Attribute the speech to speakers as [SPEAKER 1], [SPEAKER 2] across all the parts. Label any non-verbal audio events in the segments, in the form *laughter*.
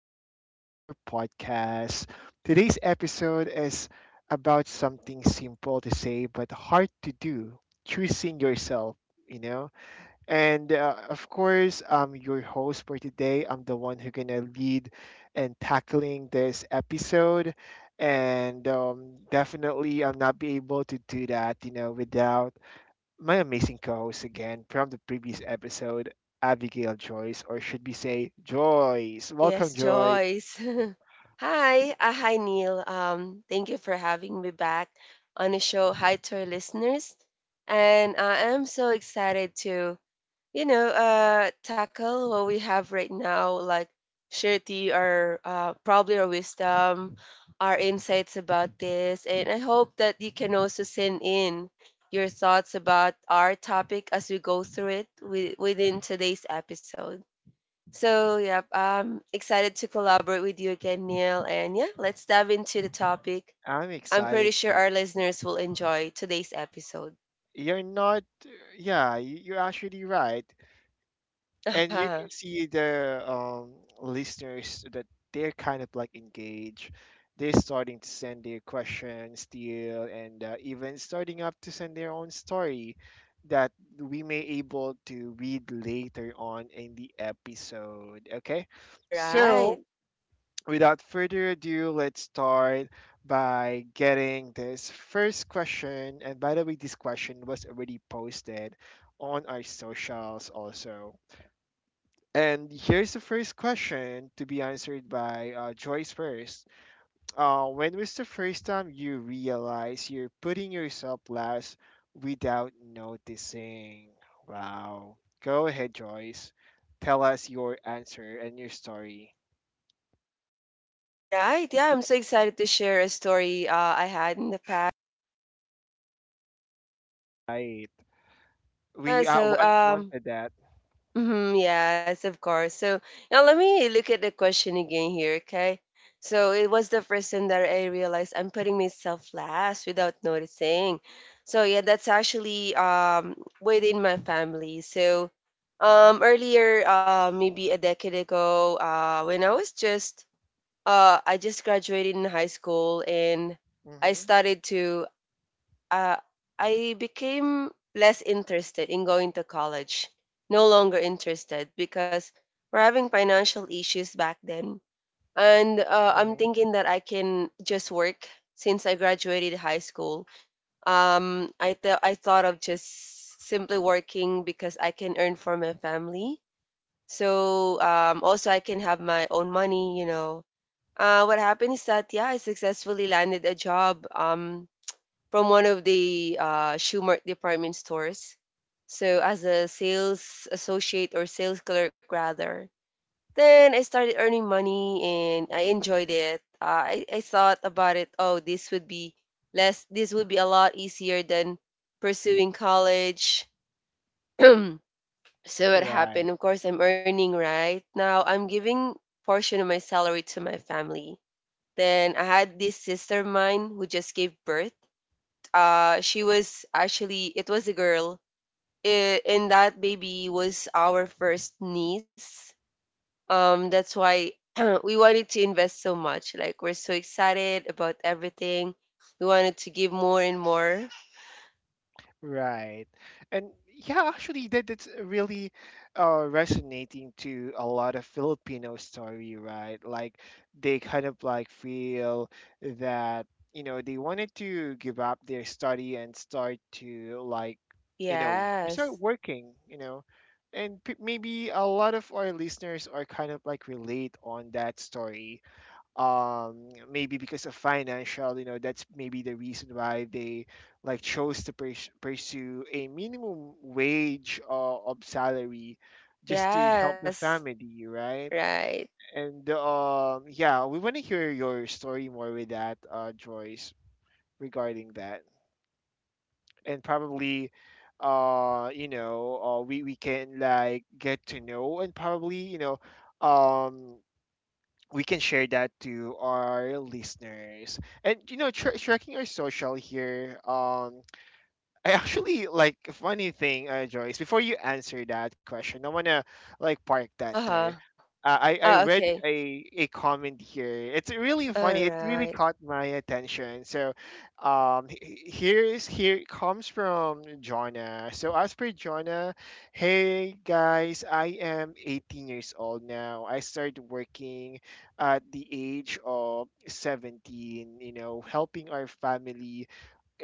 [SPEAKER 1] an Hour podcast. Today's episode is about something simple to say but hard to do choosing yourself, you know? And Of course, I'm your host for today. I'm the one who's gonna lead and tackling this episode. And Definitely, I'll not be able to do that, without my amazing co-host again from the previous episode, Abigail Joyce, or should we say Joyce?
[SPEAKER 2] Yes,
[SPEAKER 1] Welcome, Joyce.
[SPEAKER 2] Joyce. *laughs* Hi Neil. Thank you for having me back on the show. Hi to our listeners, and I am so excited to tackle what we have right now, like share to you our probably our wisdom, our insights about this, and I hope that you can also send in your thoughts about our topic as we go through it within today's episode. So, yeah, I'm excited to collaborate with you again, Neil. And yeah, let's dive into the topic.
[SPEAKER 1] I'm
[SPEAKER 2] I'm
[SPEAKER 1] excited
[SPEAKER 2] pretty sure
[SPEAKER 1] to.
[SPEAKER 2] our listeners will enjoy today's episode.
[SPEAKER 1] You're not. Yeah, you're actually right.
[SPEAKER 2] *laughs*
[SPEAKER 1] And you
[SPEAKER 2] All
[SPEAKER 1] can see the listeners that they're kind of like engaged, they're starting to send their questions still, and even starting up to send their own story that we may able to read later on in the episode. Okay,
[SPEAKER 2] right.
[SPEAKER 1] so without further ado, let's start by getting this first question. And by the way, this question was already posted on our socials also, and here's the first question to be answered by Joyce first. When was the first time you realize you're putting yourself last without noticing? Wow. Go ahead, Joyce. Tell us your answer and your story.
[SPEAKER 2] All right. Yeah, I'm so excited to share a story I had in the past.
[SPEAKER 1] Right.
[SPEAKER 2] Yeah,
[SPEAKER 1] We uh, want wanted that.
[SPEAKER 2] mm-hmm, yes, of course. So now let me look at the question again here, okay? So it was the first time that I realized I'm putting myself last without noticing. So yeah, that's actually within my family. So earlier, maybe a decade ago, when I was just I just graduated in high school and I
[SPEAKER 1] Mm-hmm.
[SPEAKER 2] started to uh, I became less interested in going to college, no longer interested because we're having financial issues back then. And I'm
[SPEAKER 1] Mm-hmm.
[SPEAKER 2] thinking that I can just work since I graduated high school. I thought of just simply working because I can earn for my family. So also, I can have my own money, you know. What happened is that, yeah, I successfully landed a job. From one of the Schumer department stores. So as a sales associate or sales clerk rather. Then I started earning money and I enjoyed it. I thought about it, oh, this would be less, this would be a lot easier than pursuing college. *clears throat* So what happened?
[SPEAKER 1] Right.
[SPEAKER 2] Of course, I'm earning right now. I'm giving portion of my salary to my family. Then I had this sister of mine who just gave birth. She was actually, it was a girl. And that baby was our first niece. That's why *clears throat* we wanted to invest so much, like we're so excited about everything. We wanted to give more and more.
[SPEAKER 1] Right. And yeah, actually that's really resonating to a lot of Filipino story, right? Like they kind of like feel that, you know, they wanted to give up their study and start to like, you know, start
[SPEAKER 2] Yes.
[SPEAKER 1] working, you know. And maybe a lot of our listeners are kind of like relate on that story. Um, maybe because of financial, you know, that's maybe the reason why they like chose to pursue a minimum wage of salary just to help the
[SPEAKER 2] Yes.
[SPEAKER 1] family, right?
[SPEAKER 2] Right.
[SPEAKER 1] and Yeah, we want to hear your story more with that Joyce, regarding that. And probably we can like get to know, and probably, you know, um, we can share that to our listeners. And you know, tracking our social here. I actually like funny thing, Joyce. Before you answer that question, I wanna like park that there.
[SPEAKER 2] Uh-huh.
[SPEAKER 1] I I
[SPEAKER 2] Okay.
[SPEAKER 1] read a comment here. It's really
[SPEAKER 2] All
[SPEAKER 1] funny. It
[SPEAKER 2] right.
[SPEAKER 1] really caught my attention. So, here is here it comes from Jonna. So as per Jonna, hey guys, I am 18 years old now. I started working at the age of 17. You know, helping our family,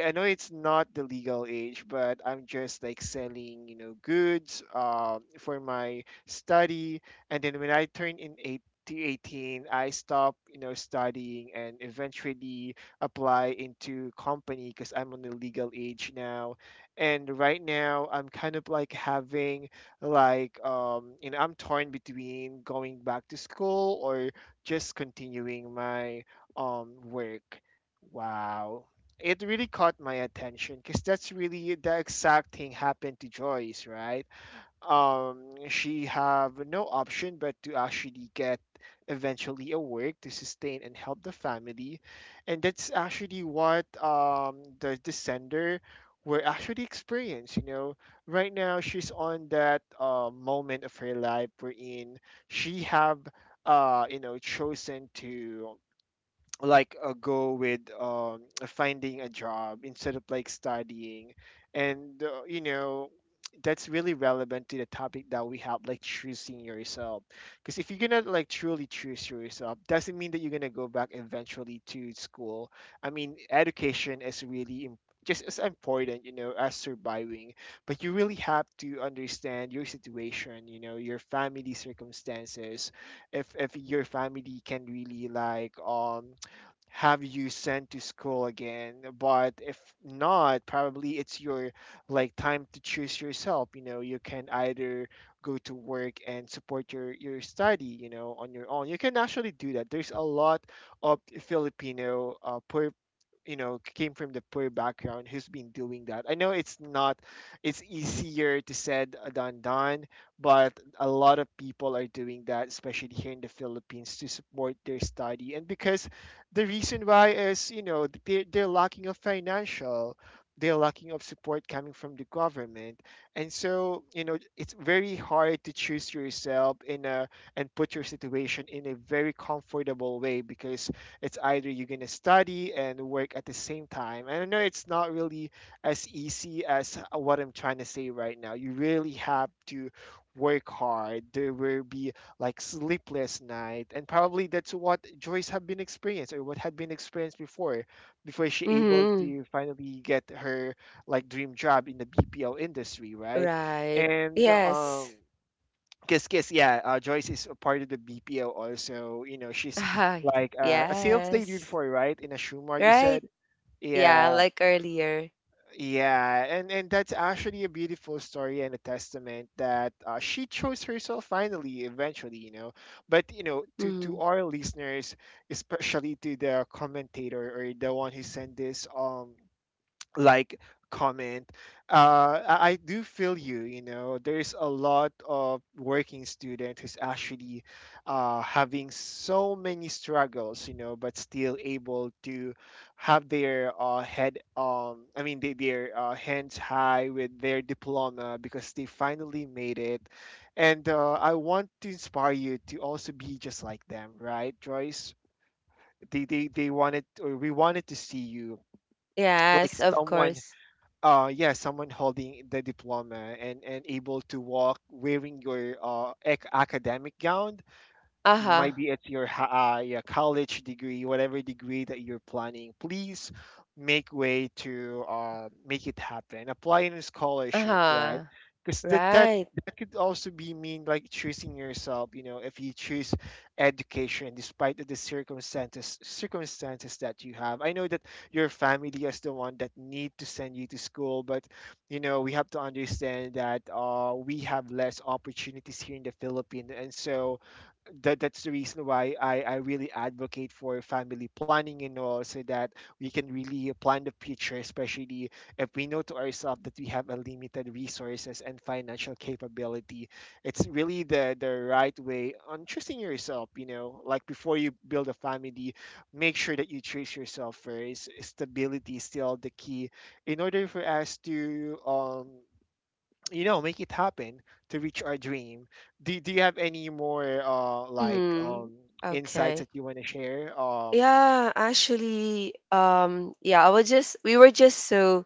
[SPEAKER 1] I know it's not the legal age, but I'm just like selling, you know, goods for my study. And then when I turned in eight to 18, I stopped, you know, studying and eventually apply into company because I'm on the legal age now. And right now, I'm kind of like having like, you know, I'm torn between going back to school or just continuing my work. Wow, it really caught my attention because that's really the exact thing happened to Joyce, right? She have no option but to actually get eventually a work to sustain and help the family, and that's actually what the sender were actually experiencing. You know, right now she's on that moment of her life wherein she have chosen to like go with finding a job instead of like studying, and that's really relevant to the topic that we have, like choosing yourself. Because if you're gonna like truly choose yourself doesn't mean that you're gonna go back eventually to school. I mean, education is really just as important, you know, as surviving, but you really have to understand your situation, you know, your family circumstances. If your family can really like have you sent to school again, but if not, probably it's your like time to choose yourself. You know, you can either go to work and support your study, you know, on your own. You can actually do that. There's a lot of Filipino poor, you know, came from the poor background who's been doing that. I know it's not, it's easier to said than done, but a lot of people are doing that especially here in the Philippines to support their study. And because the reason why is, you know, they're lacking of financial, they're lacking of support coming from the government. And so, you know, it's very hard to choose yourself in a, and put your situation in a very comfortable way, because it's either you're going to study and work at the same time. And I know it's not really as easy as what I'm trying to say right now. You really have to work hard. There will be like sleepless night, and probably that's what Joyce have been experienced or what had been experienced before, before she able
[SPEAKER 2] Mm-hmm.
[SPEAKER 1] to finally get her like dream job in the BPO industry, right?
[SPEAKER 2] Right.
[SPEAKER 1] And
[SPEAKER 2] Yes.
[SPEAKER 1] Kiss Kiss, yeah. Joyce is a part of the BPO also. You know,
[SPEAKER 2] *laughs*
[SPEAKER 1] she's
[SPEAKER 2] Hi.
[SPEAKER 1] like a sales lady
[SPEAKER 2] Yes.
[SPEAKER 1] before, right? In a shoe mart, you
[SPEAKER 2] Right.
[SPEAKER 1] said.
[SPEAKER 2] Yeah,
[SPEAKER 1] Yeah,
[SPEAKER 2] like earlier.
[SPEAKER 1] yeah, and that's actually a beautiful story and a testament that she chose herself finally, eventually, you know. But you know, to
[SPEAKER 2] Mhm.
[SPEAKER 1] to our listeners, especially to the commentator or the one who sent this like comment, I do feel you, you know. There's a lot of working student who's actually having so many struggles, you know, but still able to have their head I mean they, their hands high with their diploma because they finally made it. And I want to inspire you to also be just like them, right, Joyce? They wanted or we wanted to see you like
[SPEAKER 2] Yes, of
[SPEAKER 1] someone
[SPEAKER 2] course.
[SPEAKER 1] yeah someone holding the diploma and able to walk wearing your academic gown.
[SPEAKER 2] Uh-huh.
[SPEAKER 1] Maybe it's your your college degree, whatever degree that you're planning, please make way to make it happen. Apply in a scholarship, right?
[SPEAKER 2] Uh-huh.
[SPEAKER 1] Because that
[SPEAKER 2] Right.
[SPEAKER 1] that could also be mean like choosing yourself. You know, if you choose education despite the circumstances that you have. I know that your family is the one that need to send you to school, but you know we have to understand that we have less opportunities here in the Philippines, and so that's the reason why I really advocate for family planning and all, so that we can really plan the future, especially if we know to ourselves that we have a limited resources and financial capability. It's really the right way on choosing yourself, you know, like before you build a family, make sure that you choose yourself first. Stability is still the key in order for us to you know make it happen, to reach our dream. Do you have any more like
[SPEAKER 2] Mm-hmm.
[SPEAKER 1] insights
[SPEAKER 2] Okay.
[SPEAKER 1] that you want to share
[SPEAKER 2] Yeah, actually, yeah, I was just we were just so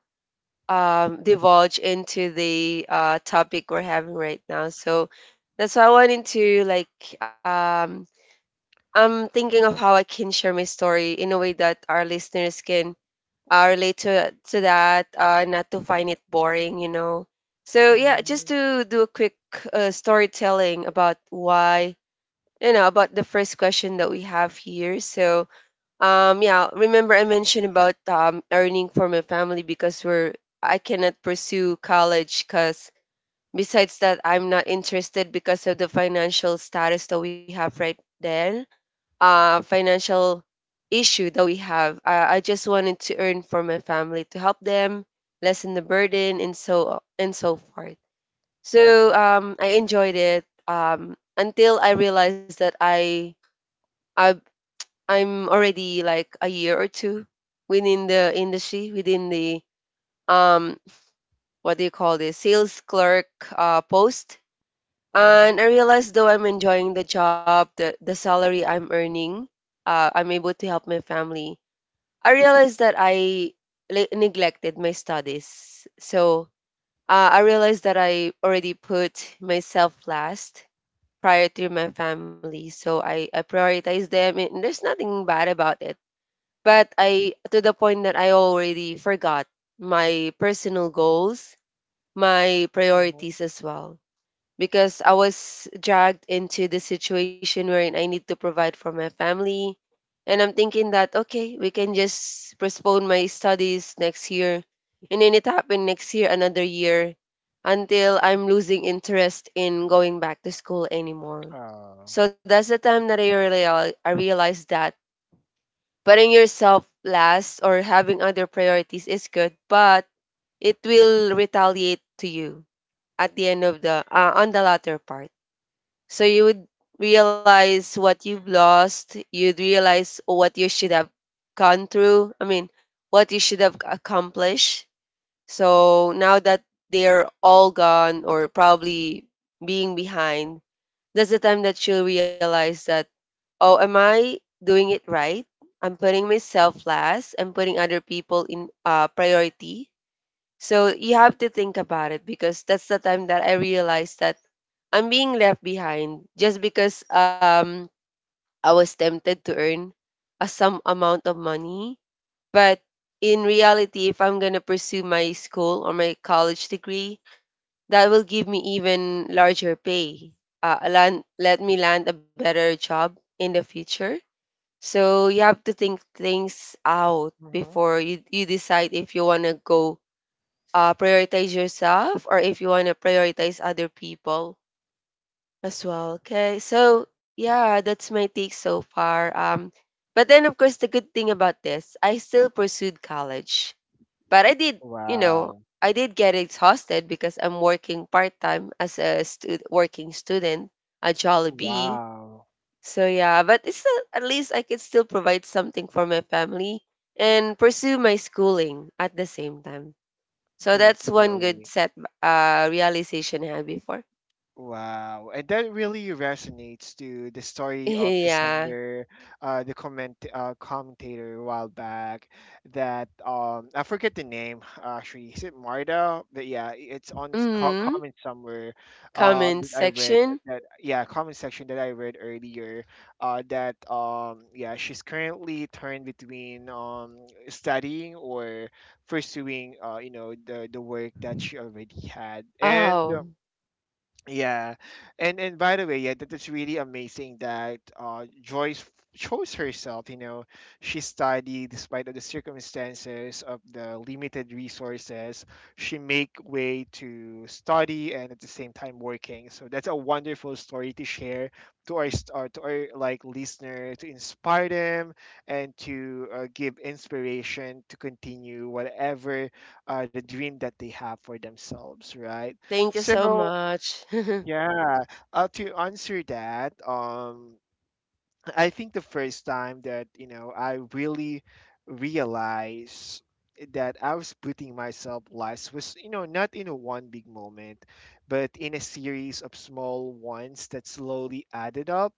[SPEAKER 2] divulge into the topic we're having right now. So that's why I wanted to like um I'm thinking of how I can share my story in a way that our listeners can relate to that, not to find it boring, you know. So yeah, just
[SPEAKER 1] mhm,
[SPEAKER 2] to do a quick storytelling about why, you know, about the first question that we have here. So yeah, remember I mentioned about earning for my family because we're I cannot pursue college because besides that I'm not interested because of the financial status that we have right then, financial issue that we have. I just wanted to earn for my family to help them lessen the burden and so forth. So
[SPEAKER 1] mhm,
[SPEAKER 2] I enjoyed it, until I realized that I I'm already like a year or two within the industry, within the um what do you call this, sales clerk post. And
[SPEAKER 1] mhm,
[SPEAKER 2] I realized though I'm enjoying the job, the salary I'm earning, I'm able to help my family, I realized that I neglected my studies. So I realized that I already put myself last prior to my family. So I prioritized them, and there's nothing bad about it. But to the point that I already forgot my personal goals, my priorities
[SPEAKER 1] mhm.
[SPEAKER 2] as well. Because I was dragged into the situation wherein I need to provide for my family, and I'm thinking that, okay, we can just postpone my studies next year. And then it happened next year, another year, until I'm losing interest in going back to school anymore.
[SPEAKER 1] Oh,
[SPEAKER 2] So that's the time that I realized that putting yourself last or having other priorities is good, but it will retaliate to you at the end of the, on the latter part. So you would realize what you've lost. You'd realize what you should have gone through. I mean, what you should have accomplished. So now that they're all gone or probably being behind, that's the time that you'll realize that, oh, am I doing it right? I'm putting myself last. I'm putting other people in priority, so you have to think about it because that's the time that I realized that I'm being left behind just because I was tempted to earn a some amount of money. But in reality, if I'm gonna pursue my school or my college degree, that will give me even larger pay. Let me land a better job in the future. So you have to think things out
[SPEAKER 1] mhm.
[SPEAKER 2] before you decide if you wanna go prioritize yourself or if you want to prioritize other people as well. Okay, so yeah, that's my take so far. But then of course the good thing about this, I still pursued college, but I did, you know,
[SPEAKER 1] Wow.
[SPEAKER 2] I did get exhausted because I'm working part time as a working student at Jollibee.
[SPEAKER 1] Wow.
[SPEAKER 2] So yeah, but it's still, at least I could still provide something for my family and pursue my schooling at the same time. So that's one good
[SPEAKER 1] Definitely.
[SPEAKER 2] set realization I had before.
[SPEAKER 1] Wow, and that really resonates to the story
[SPEAKER 2] *laughs*
[SPEAKER 1] of the
[SPEAKER 2] Yeah.
[SPEAKER 1] sender, the commentator a while back that I forget the name actually. Is it Marta? But yeah, it's on s- co
[SPEAKER 2] Mm.
[SPEAKER 1] comment somewhere
[SPEAKER 2] Comment
[SPEAKER 1] that I read
[SPEAKER 2] section.
[SPEAKER 1] that, yeah, comment section that I read earlier, that yeah, she's currently turned between studying or pursuing the work that she already had. And
[SPEAKER 2] Oh,
[SPEAKER 1] Yeah, and by the way, yeah, that is really amazing that Joyce chose herself. You know, she studied despite of the circumstances of the limited resources. She make way to study and at the same time working. So that's a wonderful story to share to our to our like listener to inspire them and to give inspiration to continue whatever the dream that they have for themselves, right?
[SPEAKER 2] thank you so
[SPEAKER 1] So.
[SPEAKER 2] much. *laughs*
[SPEAKER 1] Yeah, to answer that, I think the first time that, you know, I really realized that I was putting myself last was, you know, not in a one big moment, but in a series of small ones that slowly added up.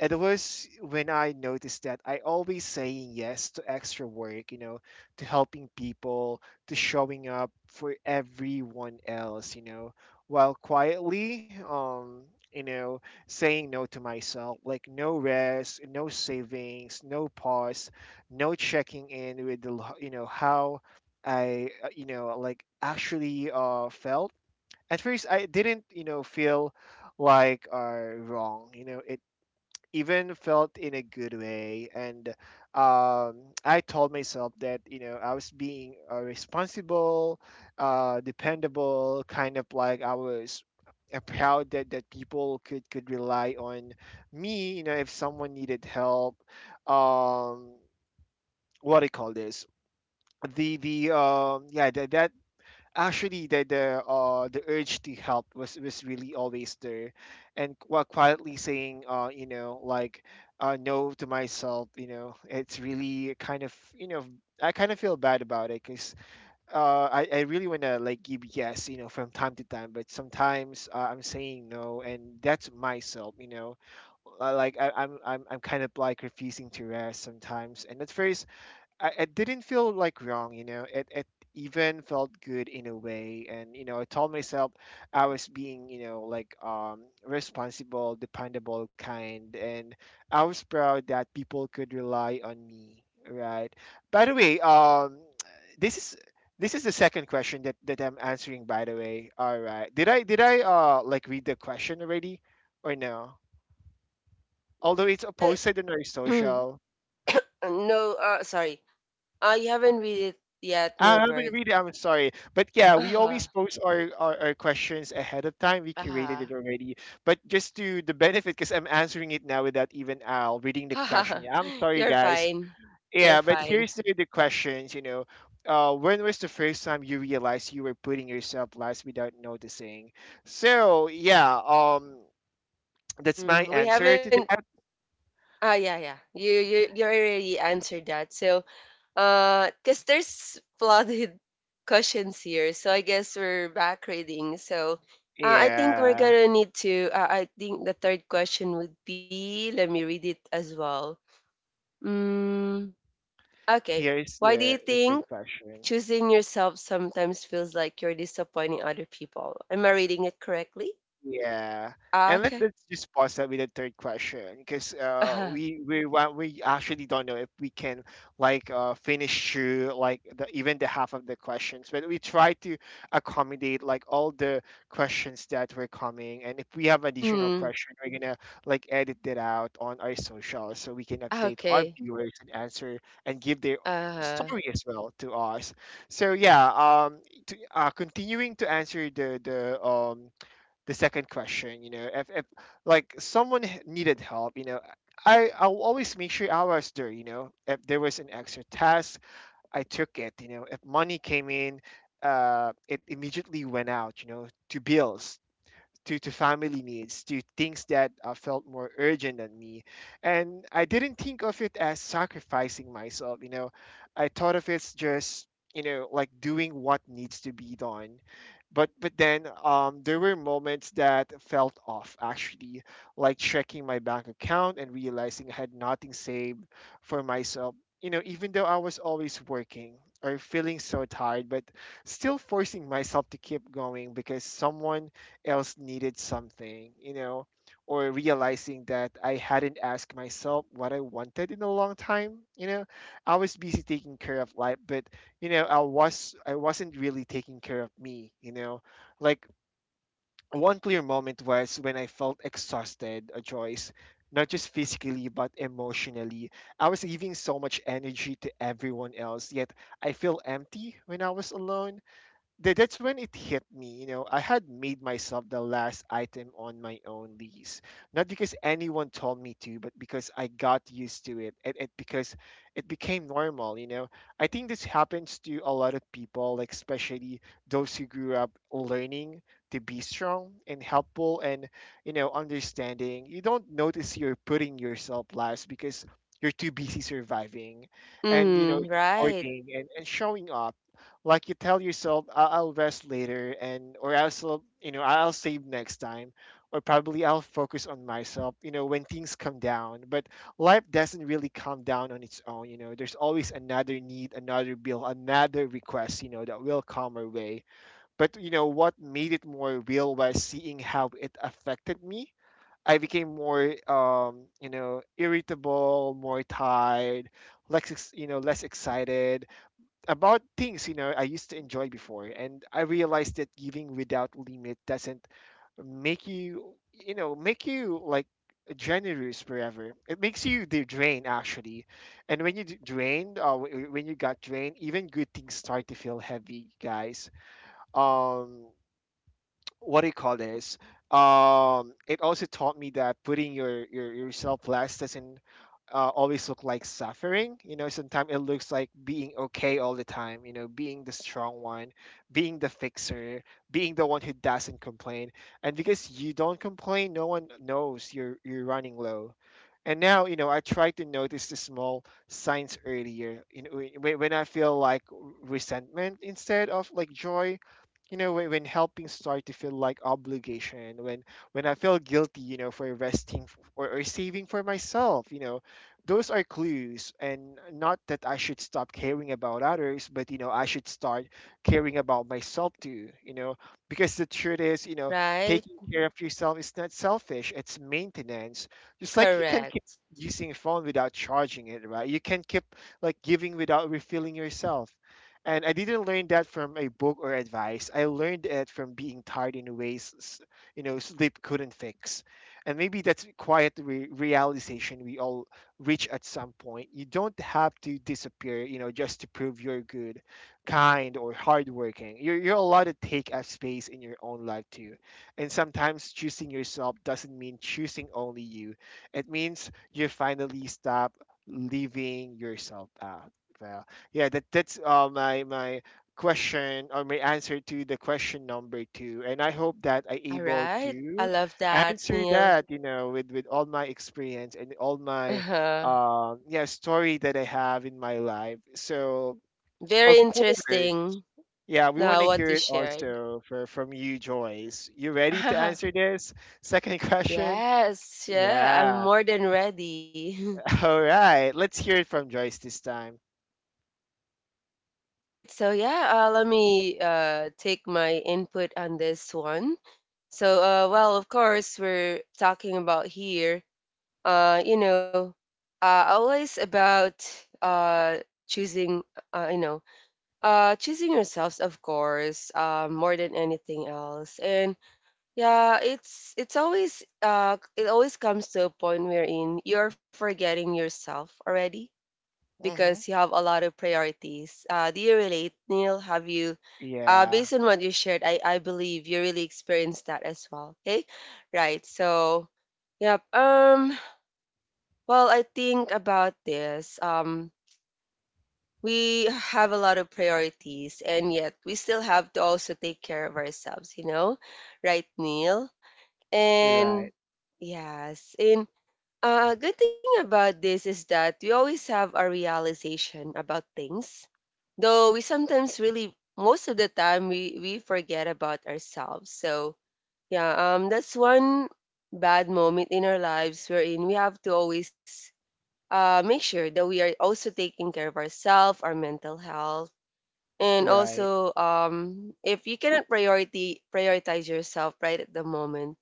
[SPEAKER 1] It was when I noticed that I always saying yes to extra work, you know, to helping people, to showing up for everyone else, you know, while quietly, you know, saying no to myself, like no rest, no savings, no pause, no checking in with the, you know, how I, you know, like actually felt. At first, I didn't, you know, feel like are wrong. You know, it even felt in a good way, and um, I told myself that, you know, I was being a responsible, dependable kind of, like I was proud that, people could rely on me, you know, if someone needed help. Um, what do you call this the yeah that Actually, the urge to help was really always there. And while quietly saying, you know, like, no to myself, you know, it's really kind of, you know, I kind of feel bad about it, because I really want to, like, give yes, you know, from time to time, but sometimes, I'm saying no and that's myself, you know. Like, I'm kind of like refusing to rest sometimes, and that's very— it didn't feel like wrong, you know. It even felt good in a way, and you know, I told myself I was being, you know, like, responsible, dependable, kind. And I was proud that people could rely on me, right? By the way, this is this is the second question that I'm answering. By the way, all right. Did I like read the question already, or no? Although it's,
[SPEAKER 2] I
[SPEAKER 1] posted on our
[SPEAKER 2] *clears throat* No,
[SPEAKER 1] social.
[SPEAKER 2] sorry. You haven't read it yet,
[SPEAKER 1] I haven't
[SPEAKER 2] Nilbert.
[SPEAKER 1] read it. I'm sorry, but yeah, we always
[SPEAKER 2] Uh-huh.
[SPEAKER 1] post our questions ahead of time. We curated
[SPEAKER 2] Uh-huh.
[SPEAKER 1] it already, but just to the benefit, because I'm answering it now without even Al reading the question. Yeah,
[SPEAKER 2] *laughs*
[SPEAKER 1] I'm sorry,
[SPEAKER 2] You're
[SPEAKER 1] guys.
[SPEAKER 2] fine. You're
[SPEAKER 1] Yeah, but
[SPEAKER 2] fine.
[SPEAKER 1] here's the questions. You know, when was the first time you realized you were putting yourself last without noticing? So yeah, that's my
[SPEAKER 2] Mm, we
[SPEAKER 1] answer
[SPEAKER 2] haven't
[SPEAKER 1] to that.
[SPEAKER 2] ah yeah yeah. You already answered that. So cause there's flooded *laughs* cushions here, so I guess we're back reading. So, I think we're
[SPEAKER 1] Yeah,
[SPEAKER 2] gonna need to. I think the third question would be. Let me read it as well. Mm, okay.
[SPEAKER 1] here's
[SPEAKER 2] Why do
[SPEAKER 1] the
[SPEAKER 2] you
[SPEAKER 1] third
[SPEAKER 2] think
[SPEAKER 1] question.
[SPEAKER 2] choosing yourself sometimes feels like you're disappointing other people? Am I reading it correctly?
[SPEAKER 1] Yeah.
[SPEAKER 2] Ah,
[SPEAKER 1] And
[SPEAKER 2] okay.
[SPEAKER 1] let's just pause that with the third question, because
[SPEAKER 2] Uh huh.
[SPEAKER 1] we actually don't know if we can, like, finish through like the, even the half of the questions, but we try to accommodate like all the questions that were coming, and if we have additional
[SPEAKER 2] Mm.
[SPEAKER 1] question, we're gonna like edit it out on our social so we can update our
[SPEAKER 2] Okay.
[SPEAKER 1] viewers and answer and give their
[SPEAKER 2] Uh huh.
[SPEAKER 1] story as well to us. So yeah, um, to, continuing to answer the the second question, you know, if like needed help, you know, I'll always make sure I was there. You know, if there was an extra task, I took it. You know, if money came in, it immediately went out, you know, to bills, due to family needs, to things that, felt more urgent than me. And I didn't think of it as sacrificing myself, you know. I thought of it's just, you know, like, doing what needs to be done. But then, there were moments that felt off actually, like checking my bank account and realizing I had nothing saved for myself. You know, even though I was always working or feeling so tired, but still forcing myself to keep going because someone else needed something, you know, or realizing that I hadn't asked myself what I wanted in a long time, you know. I was busy taking care of life, but you know, I wasn't really taking care of me, you know. Like, one clear moment was when I felt exhausted, Joyce, not just physically but emotionally. I was giving so much energy to everyone else, yet I feel empty when I was alone, that's when it hit me. You know, I had made myself the last item on my own lease, not because anyone told me to, but because I got used to it, and it became normal. You know, I think this happens to a lot of people, like especially those who grew up learning to be strong and helpful and, you know, understanding. You don't notice you're putting yourself last because you're too busy surviving and, you know,
[SPEAKER 2] Mm. Right.
[SPEAKER 1] supporting, and showing up. Like, you tell yourself I'll rest later, and or you know, I'll save next time, or probably I'll focus on myself, you know, when things come down. But life doesn't really come down on its own, you know. There's always another need, another bill, another request, you know, that will come our way. But you know what made it more real was seeing how it affected me. I became more, you know, irritable, more tired, you know, less excited about things, you know, I used to enjoy before. And I realized that giving without limit doesn't make you, you know, make you like generous forever. It makes you the drain, actually. And when you got drained, even good things start to feel heavy, guys. Um, what do you call this? It also taught me that putting yourself last doesn't, always look like suffering. You know, sometimes it looks like being okay all the time. You know, being the strong one, being the fixer, being the one who doesn't complain. And because you don't complain, no one knows you're running low. And now, you know, I try to notice the small signs earlier. You know, when I feel like resentment instead of, like, joy, you know, when helping start to feel like obligation, when I feel guilty, you know, for resting, or, saving for myself, you know. Those are clues, and not that I should stop caring about others, but you know, I should start caring about myself too, you know. Because the truth is, you know,
[SPEAKER 2] Right.
[SPEAKER 1] taking care of yourself is not selfish, it's maintenance. Just like you can keep
[SPEAKER 2] Correct.
[SPEAKER 1] using a phone without charging it, right, you can keep, like, giving without refilling yourself. And I didn't learn that from a book or advice. I learned it from being tired in ways, you know, sleep couldn't fix. And maybe that's a quiet realization we all reach at some point. You don't have to disappear, you know, just to prove you're good, kind, or hardworking. You're allowed to take up space in your own life too. And sometimes choosing yourself doesn't mean choosing only you. It means you finally stop leaving yourself out. Val. Yeah, that's my question, or my answer, to the question number two, and I hope that I able
[SPEAKER 2] Alright. I
[SPEAKER 1] to
[SPEAKER 2] love that,
[SPEAKER 1] answer
[SPEAKER 2] Neil. *laughs*
[SPEAKER 1] that, you know, with all my experience and all my,
[SPEAKER 2] Uh-huh.
[SPEAKER 1] yeah story that I have in my life. So
[SPEAKER 2] Very
[SPEAKER 1] of course,
[SPEAKER 2] interesting
[SPEAKER 1] yeah, we want
[SPEAKER 2] now
[SPEAKER 1] to
[SPEAKER 2] what
[SPEAKER 1] hear
[SPEAKER 2] you
[SPEAKER 1] it
[SPEAKER 2] shared.
[SPEAKER 1] also for from you, Joyce. You ready to answer
[SPEAKER 2] *laughs*
[SPEAKER 1] this second *laughs* question?
[SPEAKER 2] Yes, yeah, I'm
[SPEAKER 1] Yeah.
[SPEAKER 2] more than ready. *laughs*
[SPEAKER 1] *laughs* All right. Let's hear it from Joyce this time.
[SPEAKER 2] Right, so yeah, let me take my input on this one. So, well, of course, we're talking about here, you know, always about uh, choosing, you know, choosing yourselves, of course, more than anything else. And yeah, it's always it always comes to a point wherein you're forgetting yourself already because
[SPEAKER 1] Mm-hmm.
[SPEAKER 2] you have a lot of priorities. Do you relate, Neil? Have you
[SPEAKER 1] Yeah.
[SPEAKER 2] based on what you shared, I believe you really experienced that as well. Okay? Right. So, yep. Well, I think about this. We have a lot of priorities and yet we still have to also take care of ourselves, you know? Right, Neil? And
[SPEAKER 1] Right.
[SPEAKER 2] yes, and good thing about this is that we always have our realization about things, though we sometimes really, most of the time, we forget about ourselves. So yeah, that's one bad moment in our lives wherein we have to always make sure that we are also taking care of ourselves, our mental health. And
[SPEAKER 1] Right.
[SPEAKER 2] also, if you cannot priority prioritize yourself right at the moment,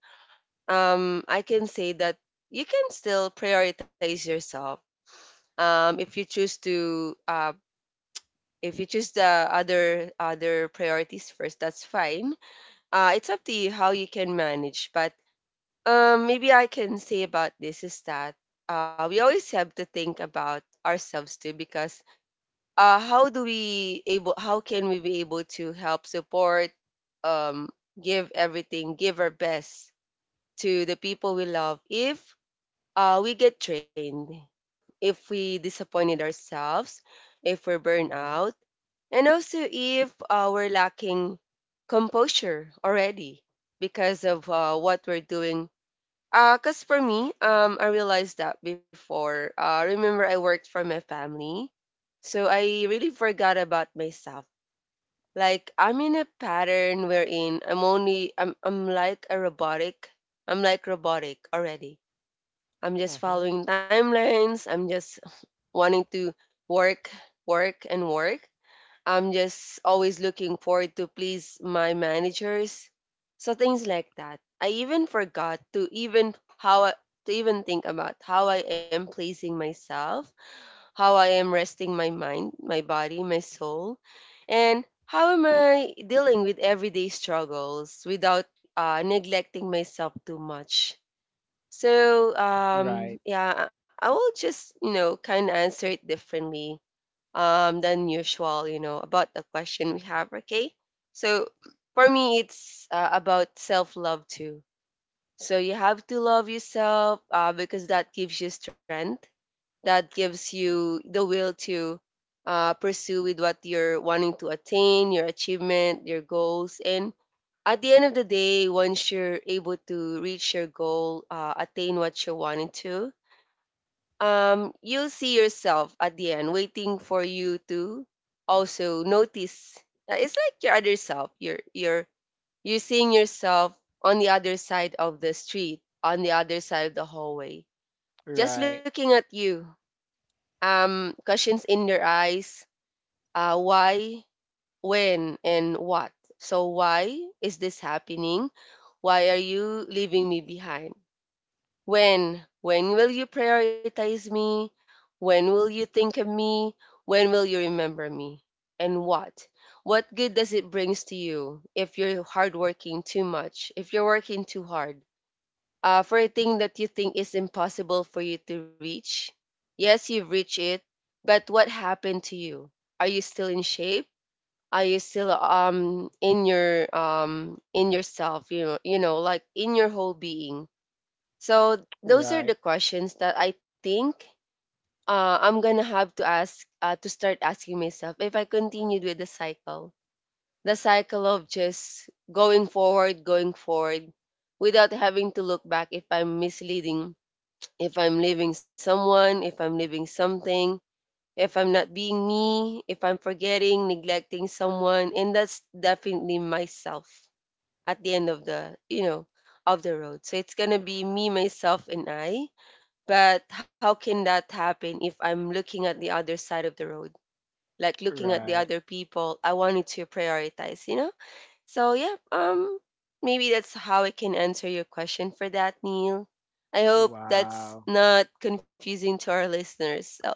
[SPEAKER 2] I can say that you can still prioritize yourself. If you choose to, if you choose the other priorities first, that's fine. It's up to you how you can manage. But maybe I can say about this is that we always have to think about ourselves too, because how can we be able to help support, um, give everything, give our best to the people we love if we get trained, if we disappointed ourselves, if we're burned
[SPEAKER 1] Mm-hmm.
[SPEAKER 2] out, and also if we're lacking composure already because of what we're doing. Because for me, I realized that before. Remember, I worked for my family, so I really forgot about myself. Like I'm in a pattern wherein I'm like a robotic. I'm like robotic already. I'm just
[SPEAKER 1] Mm-hmm.
[SPEAKER 2] following timelines. I'm just wanting to work, work, and work. I'm just always looking forward to please my managers. So things like that. I even forgot to even to even think about how I am pleasing myself, how I am resting my mind, my body, my soul, and how am I dealing with everyday struggles without neglecting myself too much. So
[SPEAKER 1] Right.
[SPEAKER 2] yeah, I will just, kind of answer it differently than usual, about the question we have, okay? So for me it's about self-love too. So you have to love yourself because that gives you strength, that gives you the will to pursue with what you're wanting to attain, your achievement, your goals. And at the end of the day, once you're able to reach your goal, attain what you're wanting to, you'll see yourself at the end waiting for you to also notice. It's like your other self. You're you're seeing yourself on the other side of the street, on the other side of the hallway, just
[SPEAKER 1] Right.
[SPEAKER 2] looking at you, questions in their eyes, why, when, and what. So, why is this happening? Why are you leaving me behind? When? When will you prioritize me? When will you think of me? When will you remember me? And what? What good does it brings to you if you're hardworking too much? If you're working too hard? For a thing that you think is impossible for you to reach. Yes, you've reached it, but what happened to you? Are you still in shape? Are you still in your in yourself? Like in your whole being. So those are
[SPEAKER 1] Right.
[SPEAKER 2] the questions that I think I'm gonna have to start asking myself if I continued with the cycle of just going forward, without having to look back, if I'm misleading, if I'm leaving someone, if I'm leaving something, if I'm not being me, if I'm forgetting, neglecting someone, and that's definitely myself at the end of the, of the road. So it's going to be me, myself, and I. But how can that happen if I'm looking at the other side of the road? Like looking at the
[SPEAKER 1] Right.
[SPEAKER 2] other people I wanted to prioritize, you know? So yeah, maybe that's how I can answer your question for that, Neil. I hope that's
[SPEAKER 1] Wow.
[SPEAKER 2] not confusing to our listeners. So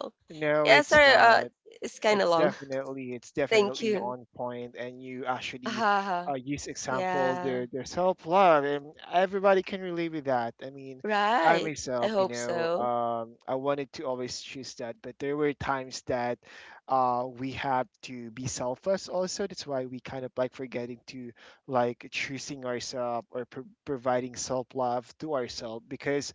[SPEAKER 2] yeah,
[SPEAKER 1] No,
[SPEAKER 2] sorry,
[SPEAKER 1] it's not.
[SPEAKER 2] it's kinda
[SPEAKER 1] It's
[SPEAKER 2] long.
[SPEAKER 1] definitely it's
[SPEAKER 2] *laughs* Thank
[SPEAKER 1] definitely
[SPEAKER 2] you.
[SPEAKER 1] on point, and you actually,
[SPEAKER 2] Ah,
[SPEAKER 1] use example
[SPEAKER 2] yeah.
[SPEAKER 1] their self love, and everybody can relate with that. I mean, I
[SPEAKER 2] Right. I
[SPEAKER 1] myself, you
[SPEAKER 2] hope
[SPEAKER 1] know,
[SPEAKER 2] so.
[SPEAKER 1] I wanted to always choose that, but there were times that, we have to be selfless also. That's why we kind of, like, forgetting to like choosing ourselves or providing self love to ourselves, because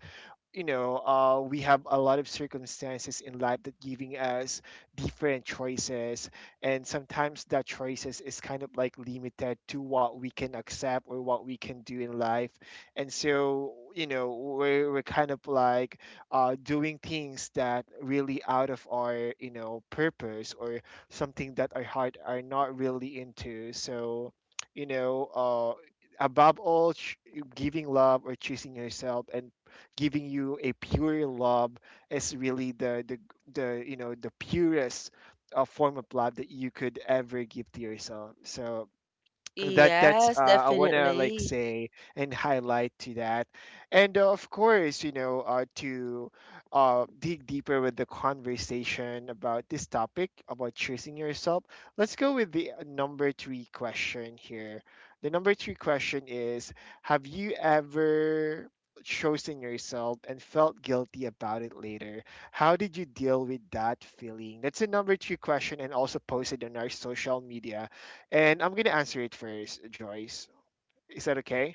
[SPEAKER 1] you know, we have a lot of circumstances in life that giving us different choices, and sometimes that choices is kind of, like, limited to what we can accept or what we can do in life, and so, you know, we're kind of like, doing things that really out of our, you know, purpose, or something that our heart are not really into. So you know, above all, giving love or choosing yourself and giving you a pure love is really the, you know, the purest, form of love that you could ever give to yourself. So that's
[SPEAKER 2] Yes,
[SPEAKER 1] I want to like
[SPEAKER 2] definitely.
[SPEAKER 1] say and highlight to that, and of course, you know, to dig deeper with the conversation about this topic about choosing yourself. Let's go with the, number three question here. The number three question is: Have you ever chosen yourself and felt guilty about it later? How did you deal with that feeling? That's a number three question, and also posted on our social media, and I'm gonna answer it first, Joyce. Is that okay?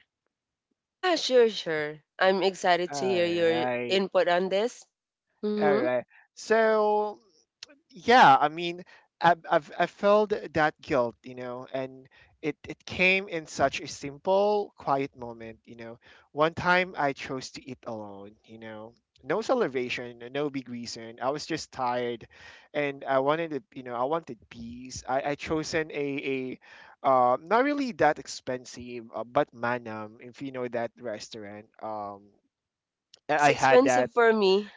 [SPEAKER 2] Ah, sure, sure. I'm excited
[SPEAKER 1] All
[SPEAKER 2] to hear your
[SPEAKER 1] right.
[SPEAKER 2] input on this.
[SPEAKER 1] All
[SPEAKER 2] Mm-hmm.
[SPEAKER 1] right. So, yeah, I mean, I felt that guilt, you know, and it came in such a simple, quiet moment, you know. One time I chose to eat alone, you know, no celebration, no big reason, I was just tired, and I wanted to, you know, I wanted peace. I chosen a, not really that expensive, but Manam, if you know that restaurant.
[SPEAKER 2] Oh,
[SPEAKER 1] I
[SPEAKER 2] it's
[SPEAKER 1] had that.
[SPEAKER 2] expensive for me.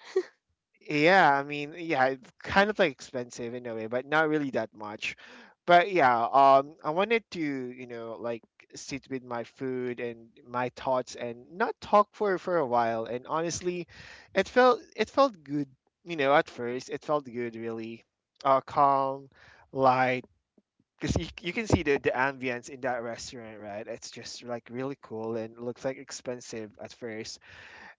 [SPEAKER 1] Yeah, I mean, yeah, it's kind of like expensive in a way, but not really that much. But yeah, I wanted to, you know, like, sit with my food and my thoughts and not talk for a while. And honestly, it felt good, you know, at first. It felt good, really, calm, light. Because you, can see the, ambience in that restaurant, right? It's just like really cool and looks like expensive at first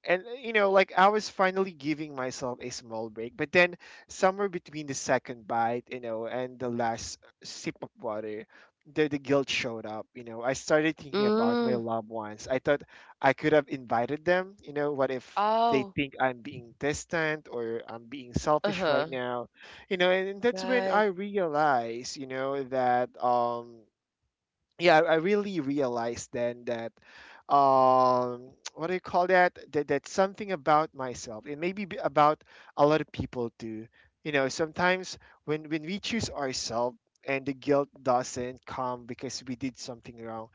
[SPEAKER 1] and like I was finally giving myself a small break, but then somewhere between the second bite, and the last sip of water, the guilt showed up. You know, I started thinking about my
[SPEAKER 2] Mm.
[SPEAKER 1] loved ones. I thought I could have invited them. You know, what if they
[SPEAKER 2] Oh.
[SPEAKER 1] think I'm being distant or I'm being selfish
[SPEAKER 2] Uh-huh.
[SPEAKER 1] right now? You know, and that's when
[SPEAKER 2] Right.
[SPEAKER 1] I realized, you know, that yeah, I really realized then that, *tsk* what do you call that? That that's something about myself. It may be about a lot of people too. You know, sometimes when we choose ourselves and the guilt doesn't come because we did something wrong,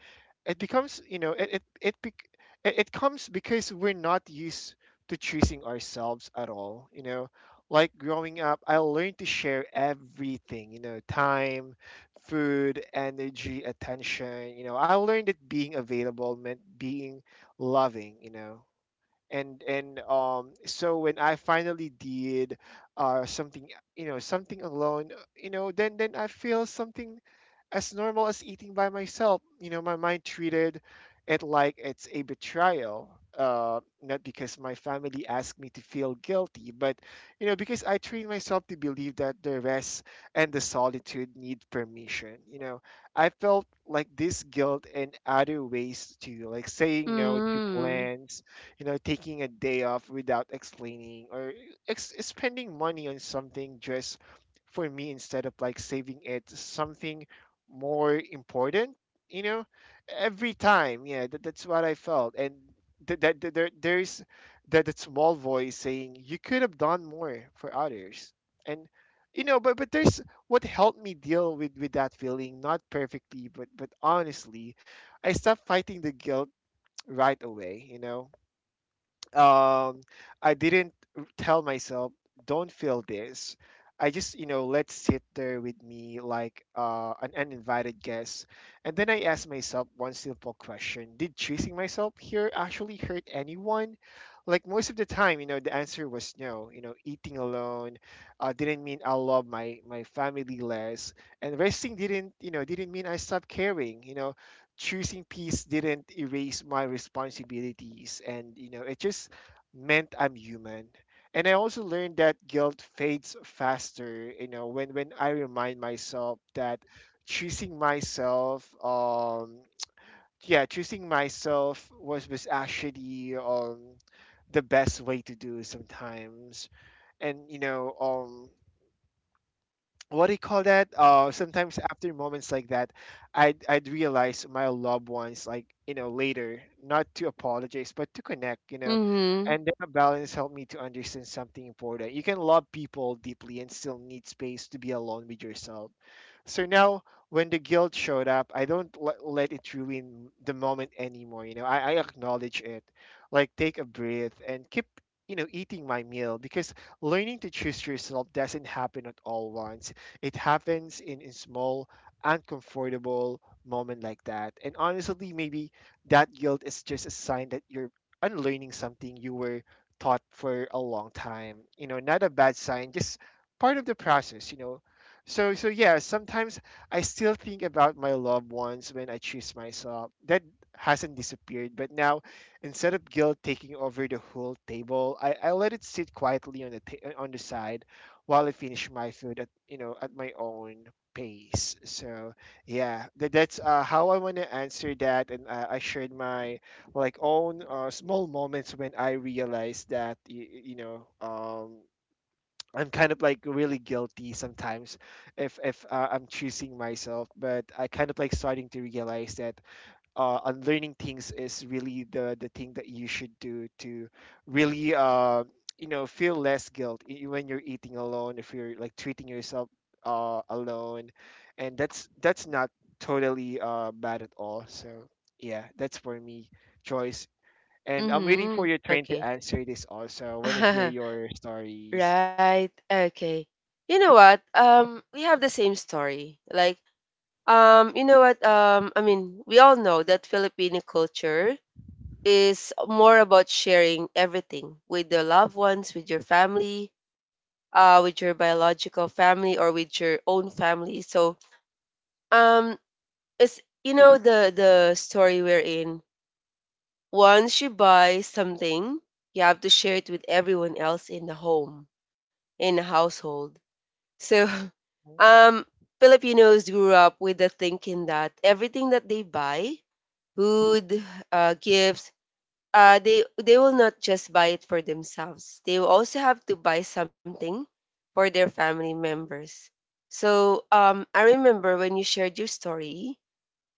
[SPEAKER 1] it becomes, it comes because we're not used to choosing ourselves at all. You know, like growing up, I learned to share everything. You know, time, food, energy, attention. You know, I learned that being available meant being loving, you know and so when I finally did something, you know, something alone. You know, then I feel something as normal as eating by myself. You know, my mind treated it like it's a betrayal. Not because my family asked me to feel guilty, but, you know, because I trained myself to believe that the rest and the solitude need permission. You know, I felt like this guilt in other ways too, like saying no to
[SPEAKER 2] Mm.
[SPEAKER 1] plans, you know, taking a day off without explaining, or spending money on something just for me instead of like saving it to something more important. You know, every time, yeah, that, that's what I felt. And that th- th- there there's that small voice saying you could have done more for others. And, you know, but there's what helped me deal with that feeling, not perfectly but honestly. I stopped fighting the guilt right away. You know, um, I didn't tell myself, don't feel this. I just, you know, let sit there with me like an uninvited guest. And then I asked myself one simple question. Did choosing myself here actually hurt anyone? Like most of the time, you know, the answer was no. You know, eating alone didn't mean I love my family less. And resting didn't, didn't mean I stopped caring. You know, choosing peace didn't erase my responsibilities, and, you know, it just meant I'm human. And I also learned that guilt fades faster, you know, when I remind myself that choosing myself, yeah, choosing myself was actually, the best way to do sometimes. And, you know, what do you call that? Sometimes after moments like that, I'd realize my loved ones, like, you know, later, not to apologize but to connect, you know,
[SPEAKER 2] Mhm.
[SPEAKER 1] and that balance helped me to understand something important. You can love people deeply and still need space to be alone with yourself. So now when the guilt showed up, I don't let it ruin the moment anymore. You know, I acknowledge it, like take a breath and keep, you know, eating my meal, because learning to choose yourself doesn't happen at all once. It happens in, small, uncomfortable moment like that. And honestly, maybe that guilt is just a sign that you're unlearning something you were taught for a long time. You know, not a bad sign, just part of the process, you know. So yeah, sometimes I still think about my loved ones when I choose myself. That hasn't disappeared, but now, instead of guilt taking over the whole table, I let it sit quietly on the on the side while I finish my food at, you know, at my own pace. So yeah, that, that's, how I want to answer that. And I shared my like own small moments when I realized that, you know, I'm kind of like really guilty sometimes if I'm choosing myself, but I kind of like starting to realize that unlearning things is really the thing that you should do to really, you know, feel less guilt when you're eating alone, if you're like treating yourself alone. And that's not totally, bad at all. So yeah, that's for me, choice. And I'm waiting for
[SPEAKER 2] Mhm.
[SPEAKER 1] your turn to
[SPEAKER 2] Okay.
[SPEAKER 1] answer this also. I want to hear
[SPEAKER 2] *laughs*
[SPEAKER 1] your stories.
[SPEAKER 2] Right. Okay. You know what? We have the same story. Like, you know what? I mean, we all know that Filipino culture is more about sharing everything with your loved ones, with your family, with your biological family, or with your own family. So, um, it's you know the story we're in. Once you buy something, you have to share it with everyone else in the home, in the household. So, *laughs*
[SPEAKER 1] Mhm.
[SPEAKER 2] um, Filipinos grew up with the thinking that everything that they buy, food, gifts, uh, they will not just buy it for themselves. They will also have to buy something for their family members. So, I remember when you shared your story.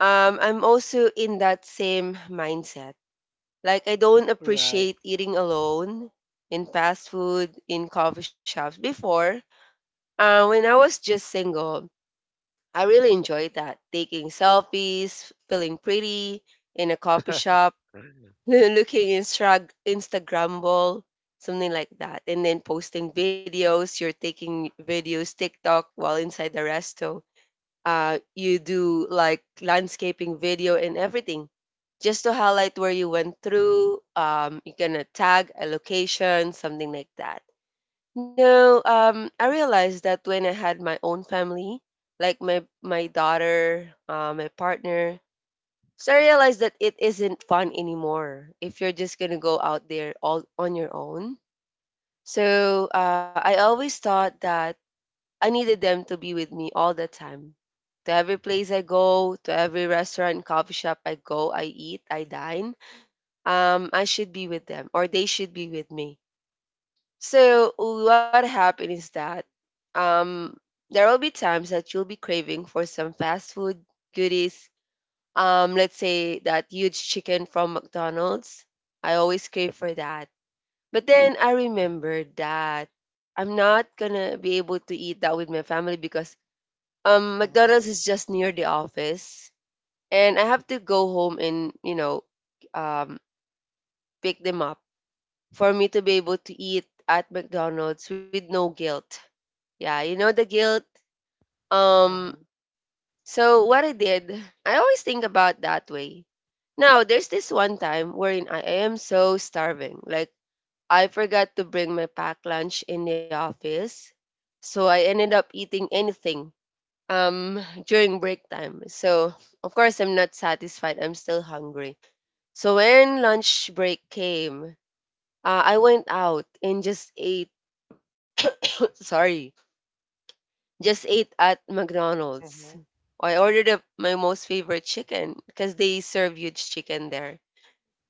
[SPEAKER 2] I'm also in that same mindset, like I don't
[SPEAKER 1] Right.
[SPEAKER 2] appreciate eating alone in fast food, in coffee shops. Before, when I was just single, I really enjoyed that. Taking selfies, feeling pretty in a coffee shop,
[SPEAKER 1] Mhm.
[SPEAKER 2] *laughs* looking Instagrammable, something like that. And then posting videos, you're taking videos, TikTok while inside the resto, you do like landscaping video and everything just to highlight where you went through. You're gonna tag a location, something like that. No, I realized that when I had my own family, like my daughter, my partner, so I realized that it isn't fun anymore if you're just gonna go out there all on your own. So I always thought that I needed them to be with me all the time. To every place I go, to every restaurant and coffee shop I go, I eat, I dine, I should be with them or they should be with me. So, what happened is that um, there will be times that you'll be craving for some fast food goodies. Let's say that huge chicken from McDonald's. I always crave for that. But then I remembered that I'm not gonna be able to eat that with my family because McDonald's is just near the office, and I have to go home and you know, um, pick them up for me to be able to eat at McDonald's with no guilt. Yeah, you know the guilt. Um,
[SPEAKER 1] Mhm.
[SPEAKER 2] so what I did, I always think about that way. Now, there's this one time wherein I am so starving. Like, I forgot to bring my packed lunch in the office. So I ended up eating anything um during break time. So of course I'm not satisfied. I'm still hungry. So when lunch break came, I went out and just ate. *coughs* Sorry, just ate at McDonald's.
[SPEAKER 1] Mhm.
[SPEAKER 2] I ordered up my most favorite chicken because they serve huge chicken there.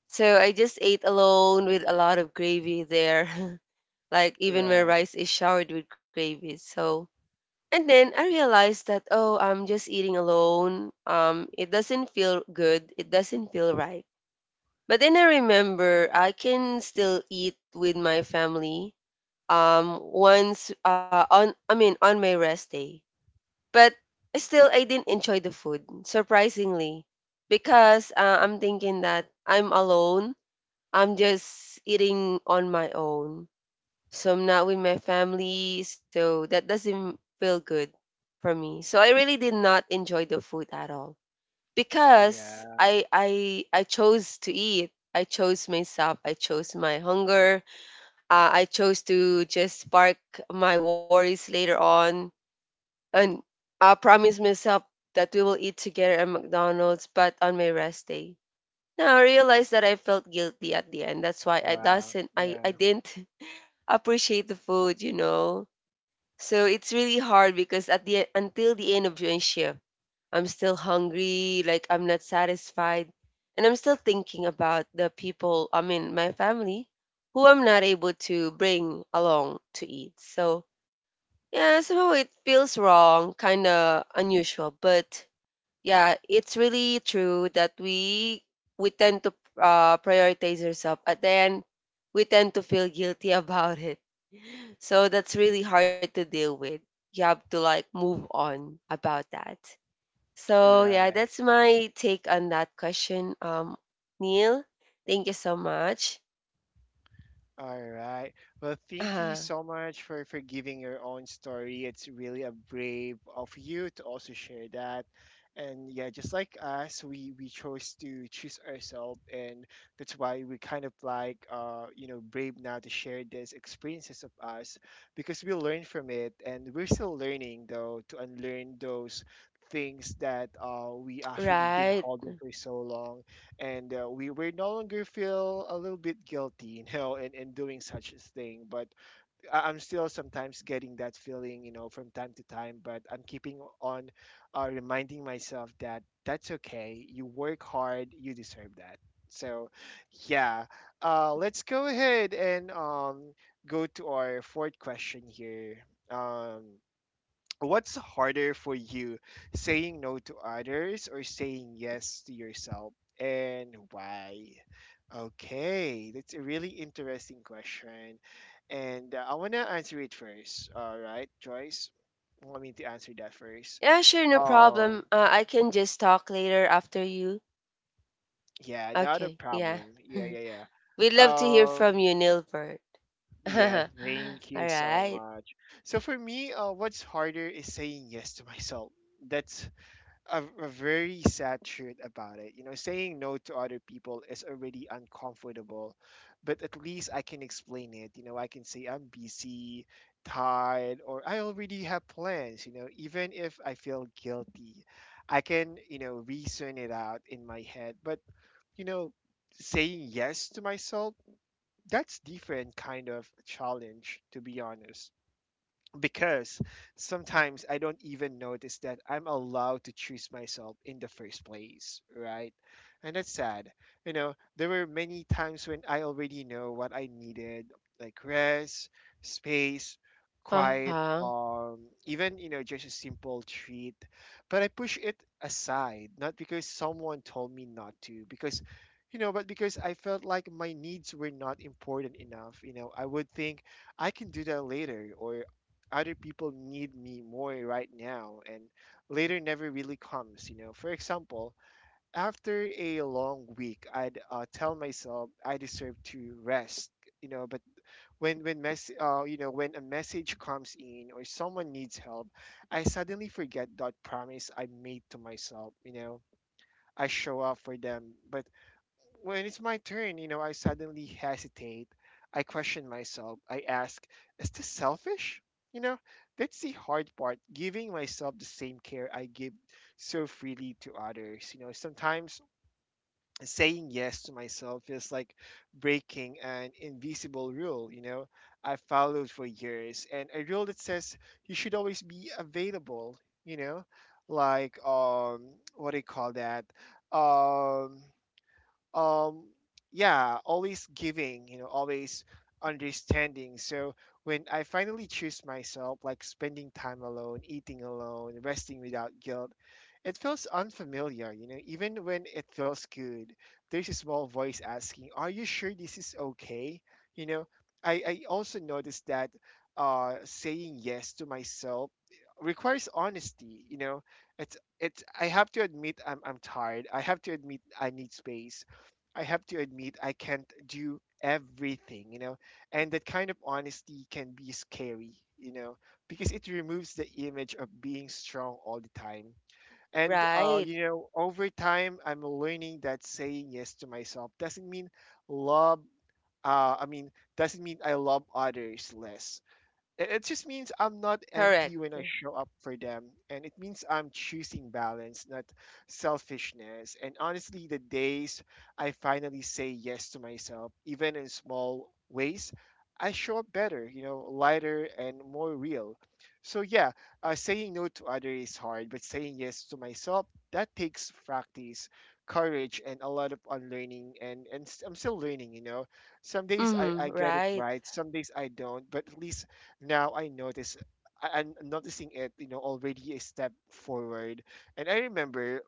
[SPEAKER 2] So I just ate alone with a lot of gravy there. *laughs* Like even my
[SPEAKER 1] Right.
[SPEAKER 2] rice is showered with gravy. So and then I realized that, oh, I'm just eating alone. It doesn't feel good. It doesn't feel right. But then I remember I can still eat with my family. Once on I mean on my rest day. But still, I didn't enjoy the food, surprisingly, because I'm
[SPEAKER 1] Mhm.
[SPEAKER 2] thinking that I'm alone. I'm just eating on my own, so I'm not with my family, so that doesn't feel good for me. So I really did not enjoy the food at all because
[SPEAKER 1] Yeah.
[SPEAKER 2] I chose to eat. I chose myself. I chose my hunger. I chose to just park my worries later on, and I promised myself that we will eat together at McDonald's, but on my rest day. Now I realized that I felt guilty at the end. That's why I
[SPEAKER 1] Wow.
[SPEAKER 2] doesn't I
[SPEAKER 1] Yeah.
[SPEAKER 2] didn't *laughs* appreciate the food, you know. So it's really hard because at the until the end of my shift, I'm still hungry, like I'm not satisfied, and I'm still thinking about the people, I mean my family, who I'm not able to bring along to eat. So yeah, somehow it feels wrong, kinda unusual, but yeah, it's really true that we tend to prioritize ourselves, but then we tend to feel guilty about it. *laughs* So that's really hard to deal with. You have to like move on about that. So yeah,
[SPEAKER 1] Right.
[SPEAKER 2] that's my take on that question. Neil, thank you so much.
[SPEAKER 1] All right. Well, thank you
[SPEAKER 2] Uh,
[SPEAKER 1] so much for giving your own story. It's really a brave of you to also share that. And yeah, just like us, we chose to choose ourselves, and that's why we kind of like you know, brave now to share these experiences of us because we learn from it, and we're still learning though to unlearn those things that we actually been
[SPEAKER 2] right.
[SPEAKER 1] holding for so long. And we no longer feel a little bit guilty, *laughs* you know, in doing such a thing. But I'm still sometimes getting that feeling, you know, from time to time. But I'm keeping on, reminding myself that that's okay. You work hard, you deserve that. So, yeah, let's go ahead and, go to our fourth question here. Um, What's harder for you, saying no to others or saying yes to yourself, and why? Okay, that's a really interesting question, and I wanna answer it first. All right, Joyce, want me to answer that first?
[SPEAKER 2] Yeah, sure, no
[SPEAKER 1] Um,
[SPEAKER 2] problem. I can just talk later after you.
[SPEAKER 1] yeah, not a
[SPEAKER 2] Okay. Yeah.
[SPEAKER 1] problem. Yeah, yeah, yeah.
[SPEAKER 2] *laughs* We'd love to hear
[SPEAKER 1] Um,
[SPEAKER 2] from you, Nilbert.
[SPEAKER 1] yeah,
[SPEAKER 2] *laughs*
[SPEAKER 1] thank you so
[SPEAKER 2] Alright.
[SPEAKER 1] much. So for me, what's harder is saying yes to myself. That's a very sad truth about it. You know, saying no to other people is already uncomfortable, but at least I can explain it. You know, I can say I'm busy, tired, or I already have plans. You know, even if I feel guilty, I can, you know, reason it out in my head. But, you know, saying yes to myself, that's different kind of challenge, to be honest, because sometimes I don't even notice that I'm allowed to choose myself in the first place, right? And that's sad. You know, there were many times when I already know what I needed, like rest, space, quiet,
[SPEAKER 2] Uh-huh.
[SPEAKER 1] even, you know, just a simple treat. But I push it aside, not because someone told me not to, because, you know, but because I felt like my needs were not important enough. You know, I would think I can do that later, or other people need me more right now, and later never really comes. You know, for example, after a long week, I'd, tell myself I deserve to rest. You know, but when mess you know, when a message comes in or someone needs help, I suddenly forget that promise I made to myself. You know, I show up for them, but when it's my turn, you know, I suddenly hesitate. I question myself. I ask, is this selfish? You know, that's the hard part, giving myself the same care I give so freely to others. You know, sometimes saying yes to myself feels like breaking an invisible rule, you know, I followed for years, and a rule that says you should always be available, you know, like, what do you call that? Um, um yeah, always giving, you know, always understanding. So when I finally choose myself, like spending time alone, eating alone, resting without guilt, it feels unfamiliar. You know, even when it feels good, there's a small voice asking, are you sure this is okay? You know, I also noticed that saying yes to myself requires honesty. You know, it's I have to admit I'm tired. I have to admit I need space. I have to admit I can't do everything, you know. And that kind of honesty can be scary, you know, because it removes the image of being strong all the time. And
[SPEAKER 2] Right.
[SPEAKER 1] you know, over time I'm learning that saying yes to myself doesn't mean love, I mean doesn't mean I love others less. It just means I'm not
[SPEAKER 2] Correct.
[SPEAKER 1] empty when I show up for them, and it means I'm choosing balance, not selfishness. And honestly, the days I finally say yes to myself, even in small ways, I show up better, you know, lighter and more real. So, yeah, saying no to others is hard, but saying yes to myself, that takes practice, courage, and a lot of unlearning. And, I'm still learning, you know. Some days I,
[SPEAKER 2] Mm-hmm.
[SPEAKER 1] I get it
[SPEAKER 2] Right.
[SPEAKER 1] right, some days I don't, but at least now I notice I'm noticing it, you know, already a step forward. And I remember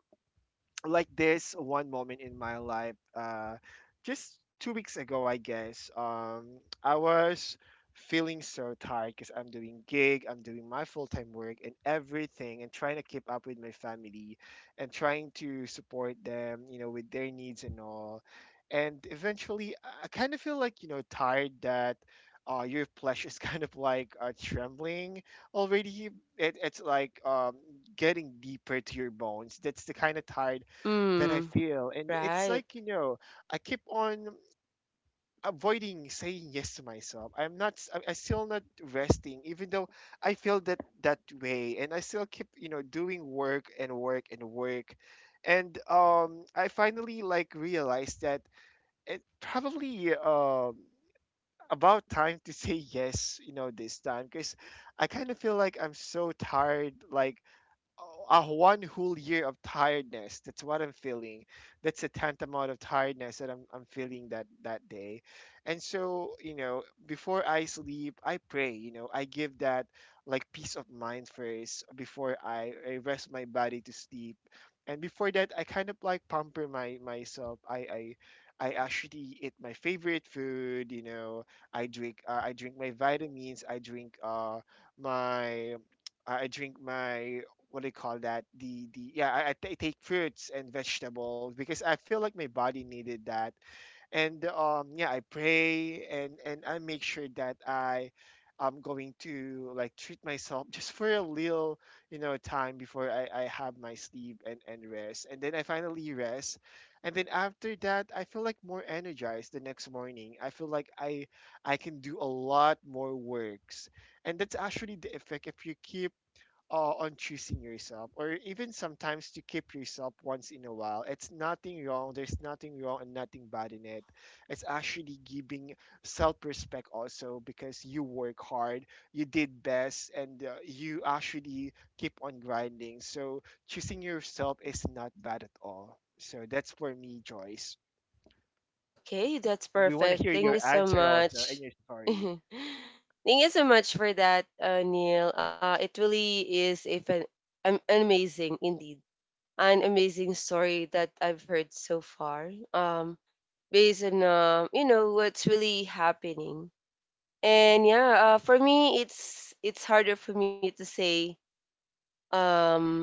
[SPEAKER 1] like this one moment in my life just 2 weeks ago, I guess. I was feeling so tired because I'm doing gig, I'm doing my full-time work and everything, and trying to keep up with my family and trying to support them, you know, with their needs and all. And eventually, I kind of feel like, you know, tired, that your flesh is *laughs* kind of like trembling already. It's like getting deeper to your bones. That's the kind of tired that I
[SPEAKER 2] Mm.
[SPEAKER 1] feel. And it's
[SPEAKER 2] Right.
[SPEAKER 1] like, you know, I keep on avoiding saying yes to myself. I'm still not resting, even though I feel that way. And I still keep, you know, doing work and work and work. And I finally like realized that it probably about time to say yes, you know, this time, because I kind of feel like I'm so tired, like a one whole year of tiredness. That's what I'm feeling. That's a tantamount of tiredness that I'm feeling that day. And so, you know, before I sleep, I pray, you know, I give that like peace of mind first before I rest my body to sleep. And before that, I kind of like pamper my myself. I actually eat my favorite food, you know. I drink my vitamins. I drink my I drink my what do you call that? The Yeah, I ta- take fruits and vegetables because I feel like my body needed that. And yeah, I pray, and I make sure that I'm going to like treat myself just for a little, you know, time before I have my sleep and rest. And then I finally rest. And then after that, I feel like more energized the next morning. I feel like I can do a lot more works, and that's actually the effect if you keep on choosing yourself, or even sometimes to keep yourself once in a while. It's nothing wrong. There's nothing wrong and nothing bad in it. It's actually giving self-respect also, because you work hard, you did best, and you actually keep on grinding. So choosing yourself is not bad at all. So that's for me, Joyce.
[SPEAKER 2] Okay, that's
[SPEAKER 1] We want to
[SPEAKER 2] perfect.
[SPEAKER 1] hear
[SPEAKER 2] Thank you
[SPEAKER 1] your
[SPEAKER 2] so
[SPEAKER 1] answer also
[SPEAKER 2] much.
[SPEAKER 1] and your
[SPEAKER 2] *laughs*
[SPEAKER 1] story.
[SPEAKER 2] Thank you so much for that, Neil. It really is an amazing, indeed, an amazing story that I've heard so far. Based on you know what's really happening, and yeah, for me, it's harder for me to say. Um,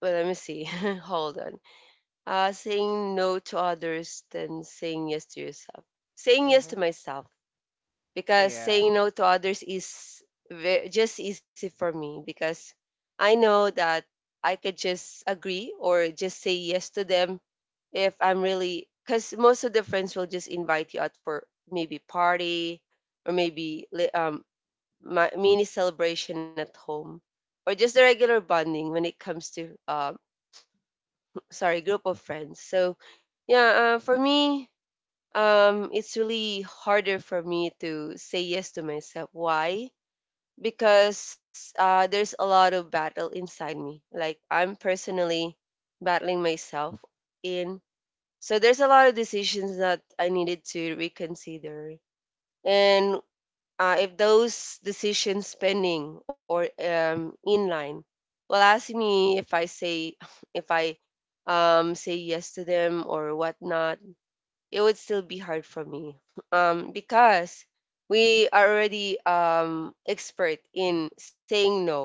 [SPEAKER 2] well, let me see. *laughs* Hold on. Saying no to others than saying yes to yourself. Saying yes to
[SPEAKER 1] Hmm.
[SPEAKER 2] myself because
[SPEAKER 1] Yeah.
[SPEAKER 2] saying no to others is just easy for me because I know that I could just agree or just say yes to them if I'm really because most of the friends will just invite you out for maybe party or maybe mini celebration at home, or just the regular bonding when it comes to sorry group of friends. So yeah, for me, it's really harder for me to say yes to myself. Why? Because there's a lot of battle inside me. Like I'm personally battling myself in. So there's a lot of decisions that I needed to reconsider. And if those decisions pending or inline will ask me if I say *laughs* if I say yes to them or whatnot, it would still be hard for me *laughs* because we are already expert in saying no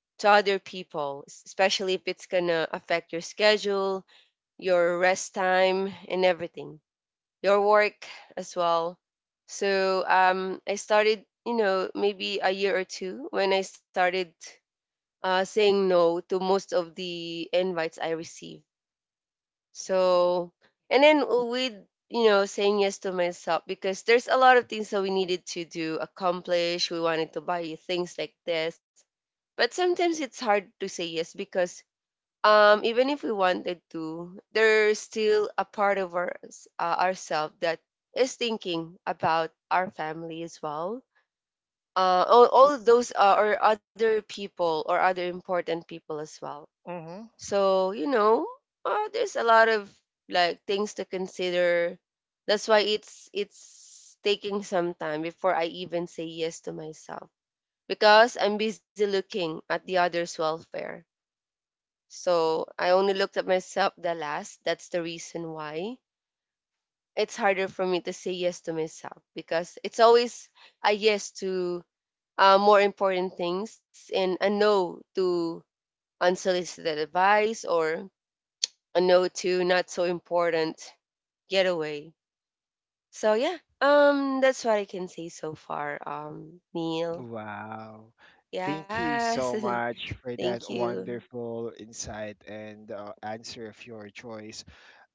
[SPEAKER 2] to other people, s- especially if it's gonna affect your schedule, your rest time, and everything your work as well. So I started, you know, maybe a year or two when I started saying no to most of the invites I received. So, and then with, you know, saying yes to myself because there's a lot of things that we needed to do, accomplish. We wanted to buy things like this. But sometimes it's hard to say yes because even if we wanted to, there's still a part of our ourself that is thinking about our family as well, all of those or other people or other important people as well.
[SPEAKER 1] Hmm.
[SPEAKER 2] So you know, there's a lot of like things to consider, that's why it's taking some time before I even say yes to myself because I'm busy looking at the others welfare, so I only looked at myself the last. That's the reason why it's harder for me to say yes to myself because it's always a yes to more important things and a no to unsolicited advice or a no to not so important getaway. So yeah, that's what I can say so far. Neil,
[SPEAKER 1] Wow. Thank you
[SPEAKER 2] yes,
[SPEAKER 1] so
[SPEAKER 2] *laughs*
[SPEAKER 1] much for
[SPEAKER 2] thank
[SPEAKER 1] that
[SPEAKER 2] you.
[SPEAKER 1] wonderful insight and answer of your choice.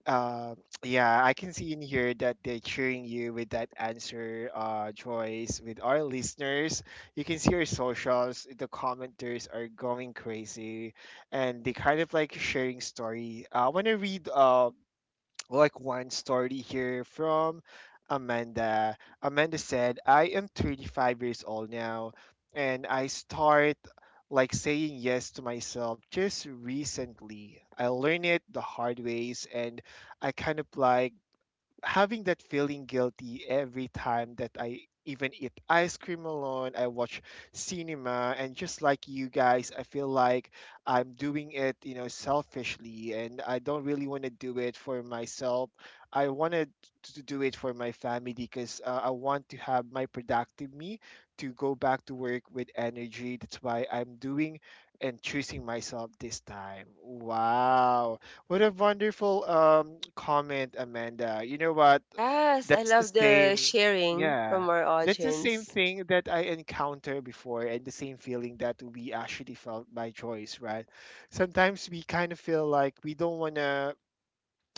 [SPEAKER 1] Uh, *tsk* yeah, I can see in here that they're cheering you with that answer, Joyce. With our listeners, you can see our socials. The commenters are going crazy, and they kind of like sharing story. I want to read. Like one story here from Amanda. Amanda said, I am 35 years old now, and I start like saying yes to myself just recently. I learned it the hard ways, and I kind of like having that feeling guilty every time that I even eat ice cream alone, I watch cinema, and just like you guys, I feel like I'm doing it, you know, selfishly, and I don't really want to do it for myself. I wanted to do it for my family, because I want to have my productive me to go back to work with energy. That's why I'm doing and choosing myself this time. Wow. What a wonderful comment, Amanda. You know what?
[SPEAKER 2] Yes, I
[SPEAKER 1] That's the
[SPEAKER 2] love the
[SPEAKER 1] same.
[SPEAKER 2] sharing
[SPEAKER 1] Yeah.
[SPEAKER 2] from our
[SPEAKER 1] That's the same
[SPEAKER 2] audience.
[SPEAKER 1] thing that I encountered before, and the same feeling that we actually felt by choice, right? Sometimes we kind of feel like we don't want to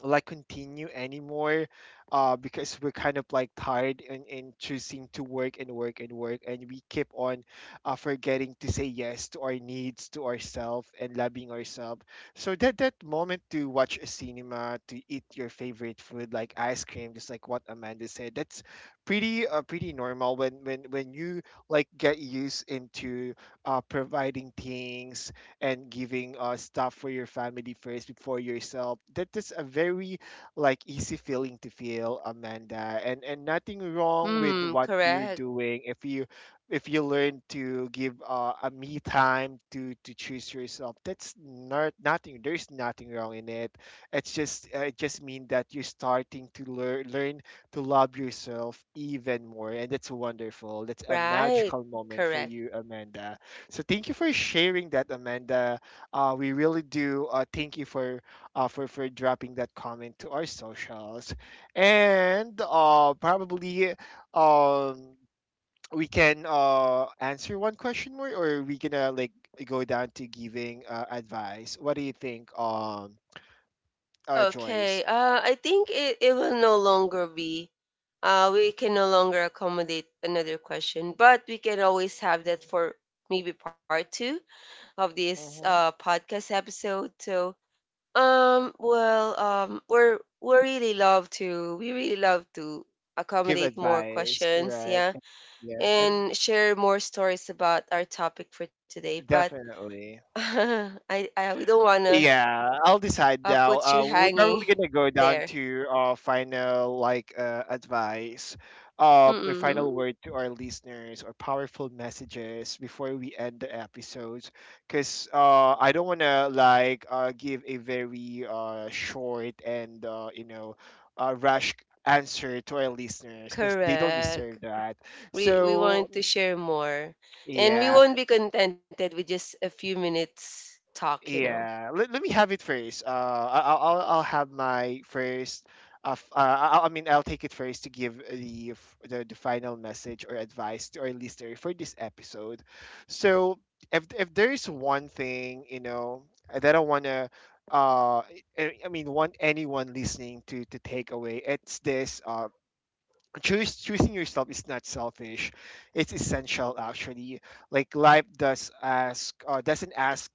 [SPEAKER 1] like continue anymore, because we're kind of like tired, and choosing to work and work and work, and we keep on forgetting to say yes to our needs, to ourselves, and loving ourselves. So that that moment to watch a cinema, to eat your favorite food like ice cream, just like what Amanda said, that's pretty pretty normal when you like get used into providing things and giving stuff for your family first before yourself. That is a very like easy feeling to feel, Amanda. And nothing wrong with
[SPEAKER 2] Mm,
[SPEAKER 1] what you're
[SPEAKER 2] correct.
[SPEAKER 1] doing if you learn to give a me time to choose yourself. That's not nothing. There's nothing wrong in it. It's just it just mean that you're starting to learn to love yourself even more, and that's wonderful. That's a
[SPEAKER 2] Right.
[SPEAKER 1] magical moment for
[SPEAKER 2] Correct.
[SPEAKER 1] you, Amanda. So thank you for sharing that, Amanda. We really do thank you for for dropping that comment to our socials, and probably um, we can answer one question more, or we gonna like go down to giving advice. What do you think, Joyce?
[SPEAKER 2] Okay. I think it, it will no longer be. We can no longer accommodate another question, but we can always have that for maybe part two of this
[SPEAKER 1] Hmm.
[SPEAKER 2] podcast episode. So, well, we really love to we really love to
[SPEAKER 1] Give
[SPEAKER 2] accommodate more
[SPEAKER 1] advice,
[SPEAKER 2] questions,
[SPEAKER 1] right?
[SPEAKER 2] yeah,
[SPEAKER 1] Yeah, and
[SPEAKER 2] and share more stories about our topic for today. But *laughs*
[SPEAKER 1] definitely.
[SPEAKER 2] I we don't wanna—
[SPEAKER 1] Yeah, I'll decide now.
[SPEAKER 2] Puts you
[SPEAKER 1] We're
[SPEAKER 2] hanging
[SPEAKER 1] probably gonna go
[SPEAKER 2] *laughs*
[SPEAKER 1] down
[SPEAKER 2] there.
[SPEAKER 1] to final like advice, or final
[SPEAKER 2] Mm.
[SPEAKER 1] word to our listeners or powerful messages before we end the episodes. Cause I don't wanna like give a very short and you know, rush answer to our listeners because they don't
[SPEAKER 2] Correct.
[SPEAKER 1] deserve that.
[SPEAKER 2] We
[SPEAKER 1] So
[SPEAKER 2] want to share more. And we
[SPEAKER 1] yeah.
[SPEAKER 2] won't be contented with just a few minutes talk, you know.
[SPEAKER 1] Yeah, let me have it first. I, I'll have my first. F- I mean, I'll take it first to give the, f- the final message or advice to our listener for this episode. So, if there's one thing, you know, that I wanna, uh, I mean, want anyone listening to take away, it's this. Choose choosing yourself is not selfish, it's essential actually. Like life does ask doesn't ask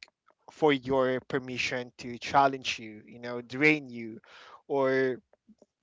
[SPEAKER 1] for your permission to challenge you, you know, drain you, or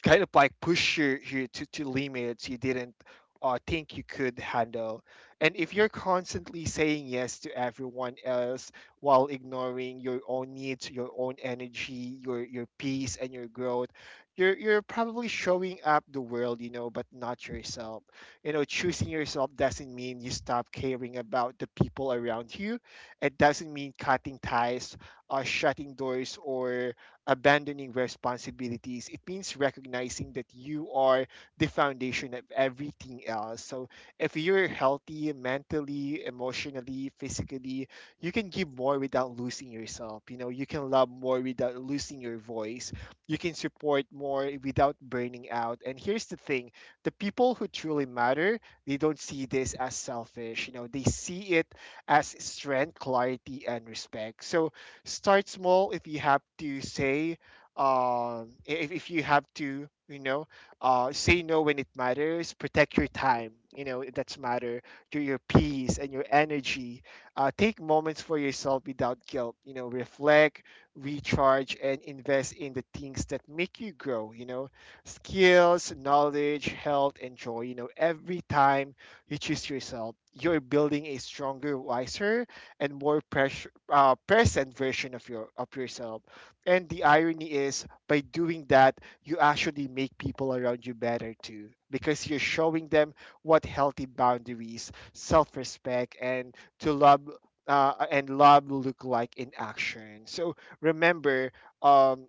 [SPEAKER 1] kind of like push you to limits you didn't think you could handle. And if you're constantly saying yes to everyone else while ignoring your own needs, your own energy, your peace and your growth, you're probably showing up the world, you know, but not yourself. You know, choosing yourself doesn't mean you stop caring about the people around you. It doesn't mean cutting ties, shutting doors, or abandoning responsibilities. It means recognizing that you are the foundation of everything else. So if you're healthy mentally, emotionally, physically, you can give more without losing yourself. You know, you can love more without losing your voice. You can support more without burning out. And here's the thing, the people who truly matter, they don't see this as selfish. You know, they see it as strength, clarity, and respect. So start small if you have to say if you have to, you know, say no when it matters, protect your time, you know, that's matter, your peace and your energy, take moments for yourself without guilt, you know, reflect, recharge, and invest in the things that make you grow, you know, skills, knowledge, health, and joy. You know, every time you choose yourself, you're building a stronger, wiser, and more precious present version of your of yourself. And the irony is, by doing that, you actually make people around you better too, because you're showing them what healthy boundaries, self-respect, and to love and love look like in action. So remember. Um,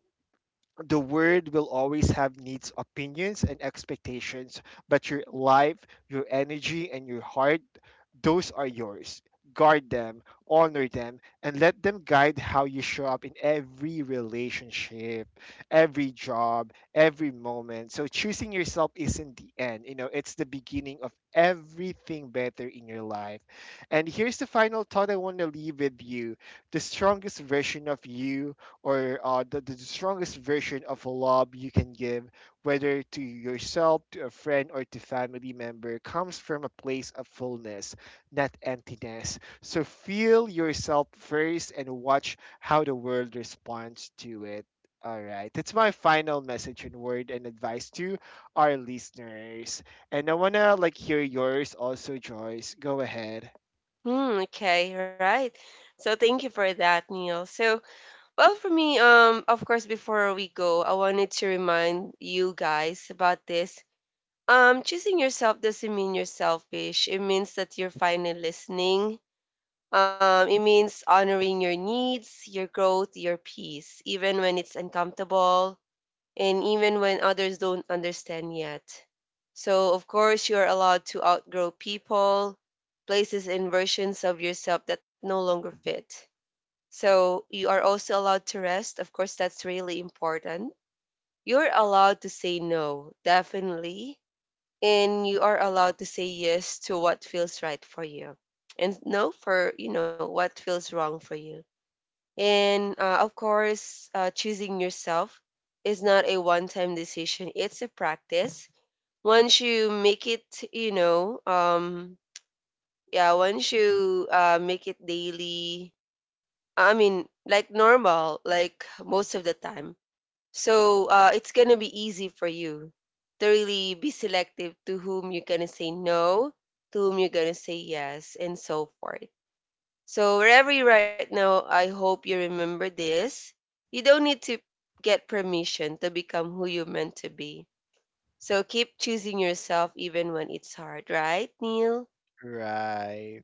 [SPEAKER 1] the world will always have needs, opinions, and expectations, but your life, your energy, and your heart, those are yours. Guard them, honor them, and let them guide how you show up in every relationship, every job, every moment. So choosing yourself isn't the end, you know, it's the beginning of everything better in your life. And here's the final thought I want to leave with you. The strongest version of you, or the strongest version of a lob you can give, whether to yourself, to a friend, or to family member, comes from a place of fullness, not emptiness. So feel yourself first and watch how the world responds to it. All right, that's my final message and word and advice to our listeners. And I wanna like hear yours also, Joyce. Go ahead.
[SPEAKER 2] Hmm, okay, right. So thank you for that, Neil. So, well for me, of course before we go, I wanted to remind you guys about this. Choosing yourself doesn't mean you're selfish. It means that you're finally listening. It means honoring your needs, your growth, your peace, even when it's uncomfortable and even when others don't understand yet. So, of course, you're allowed to outgrow people, places, and versions of yourself that no longer fit. So, you are also allowed to rest. Of course, that's really important. You're allowed to say no, definitely, and you are allowed to say yes to what feels right for you and no for you know what feels wrong for you. And of course choosing yourself is not a one-time decision, it's a practice. Once you make it, you know, yeah, once you make it daily, I mean like normal, like most of the time, so it's going to be easy for you to really be selective to whom you're going to say no, to whom you're going to say yes, and so forth. So wherever you're right now, I hope you remember this. You don't need to get permission to become who you're meant to be. So keep choosing yourself even when it's hard, right, Neil?
[SPEAKER 1] Right.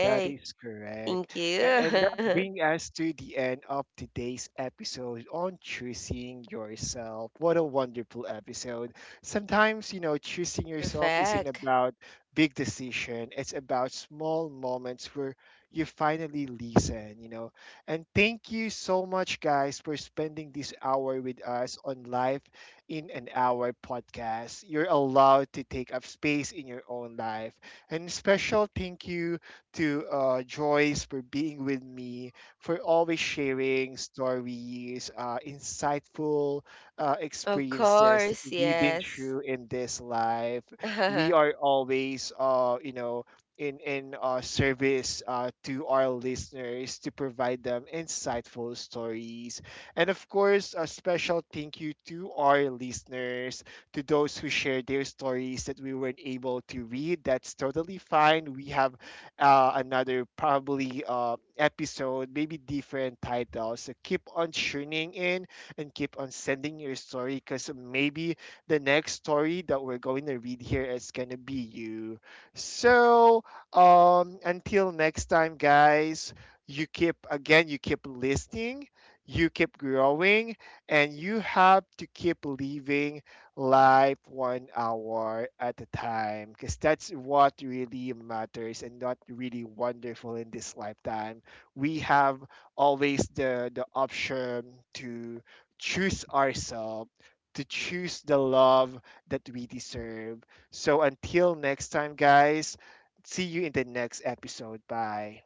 [SPEAKER 1] That is correct.
[SPEAKER 2] thank
[SPEAKER 1] A- And that
[SPEAKER 2] you.
[SPEAKER 1] brings us to the end of today's episode on choosing yourself. What a wonderful episode. Sometimes, you know,
[SPEAKER 2] *laughs*
[SPEAKER 1] choosing yourself isn't
[SPEAKER 2] Perfect.
[SPEAKER 1] about big decision. It's about small moments where you finally listen, you know. And thank you so much guys for spending this hour with us on Life in an Hour podcast. You're allowed to take up space in your own life. And special thank you to Joyce for being with me, for always sharing stories, insightful
[SPEAKER 2] Of
[SPEAKER 1] experiences that
[SPEAKER 2] course,
[SPEAKER 1] we've been
[SPEAKER 2] yes.
[SPEAKER 1] through in this life. We
[SPEAKER 2] *laughs*
[SPEAKER 1] are always, you know, in service to our listeners to provide them insightful stories. And of course, a special thank you to our listeners, to those who shared their stories that we weren't able to read. That's totally fine. We have another probably episode, maybe different title. So keep on tuning in and keep on sending your story, because maybe the next story that we're going to read here is going to be you. So until next time, guys, you keep, again, you keep listening, you keep growing, and you have to keep leaving life one hour at a time, because that's what really matters. And not really wonderful in this lifetime. We have always the option to choose ourselves, to choose the love that we deserve. So until next time, guys, see you in the next episode. Bye.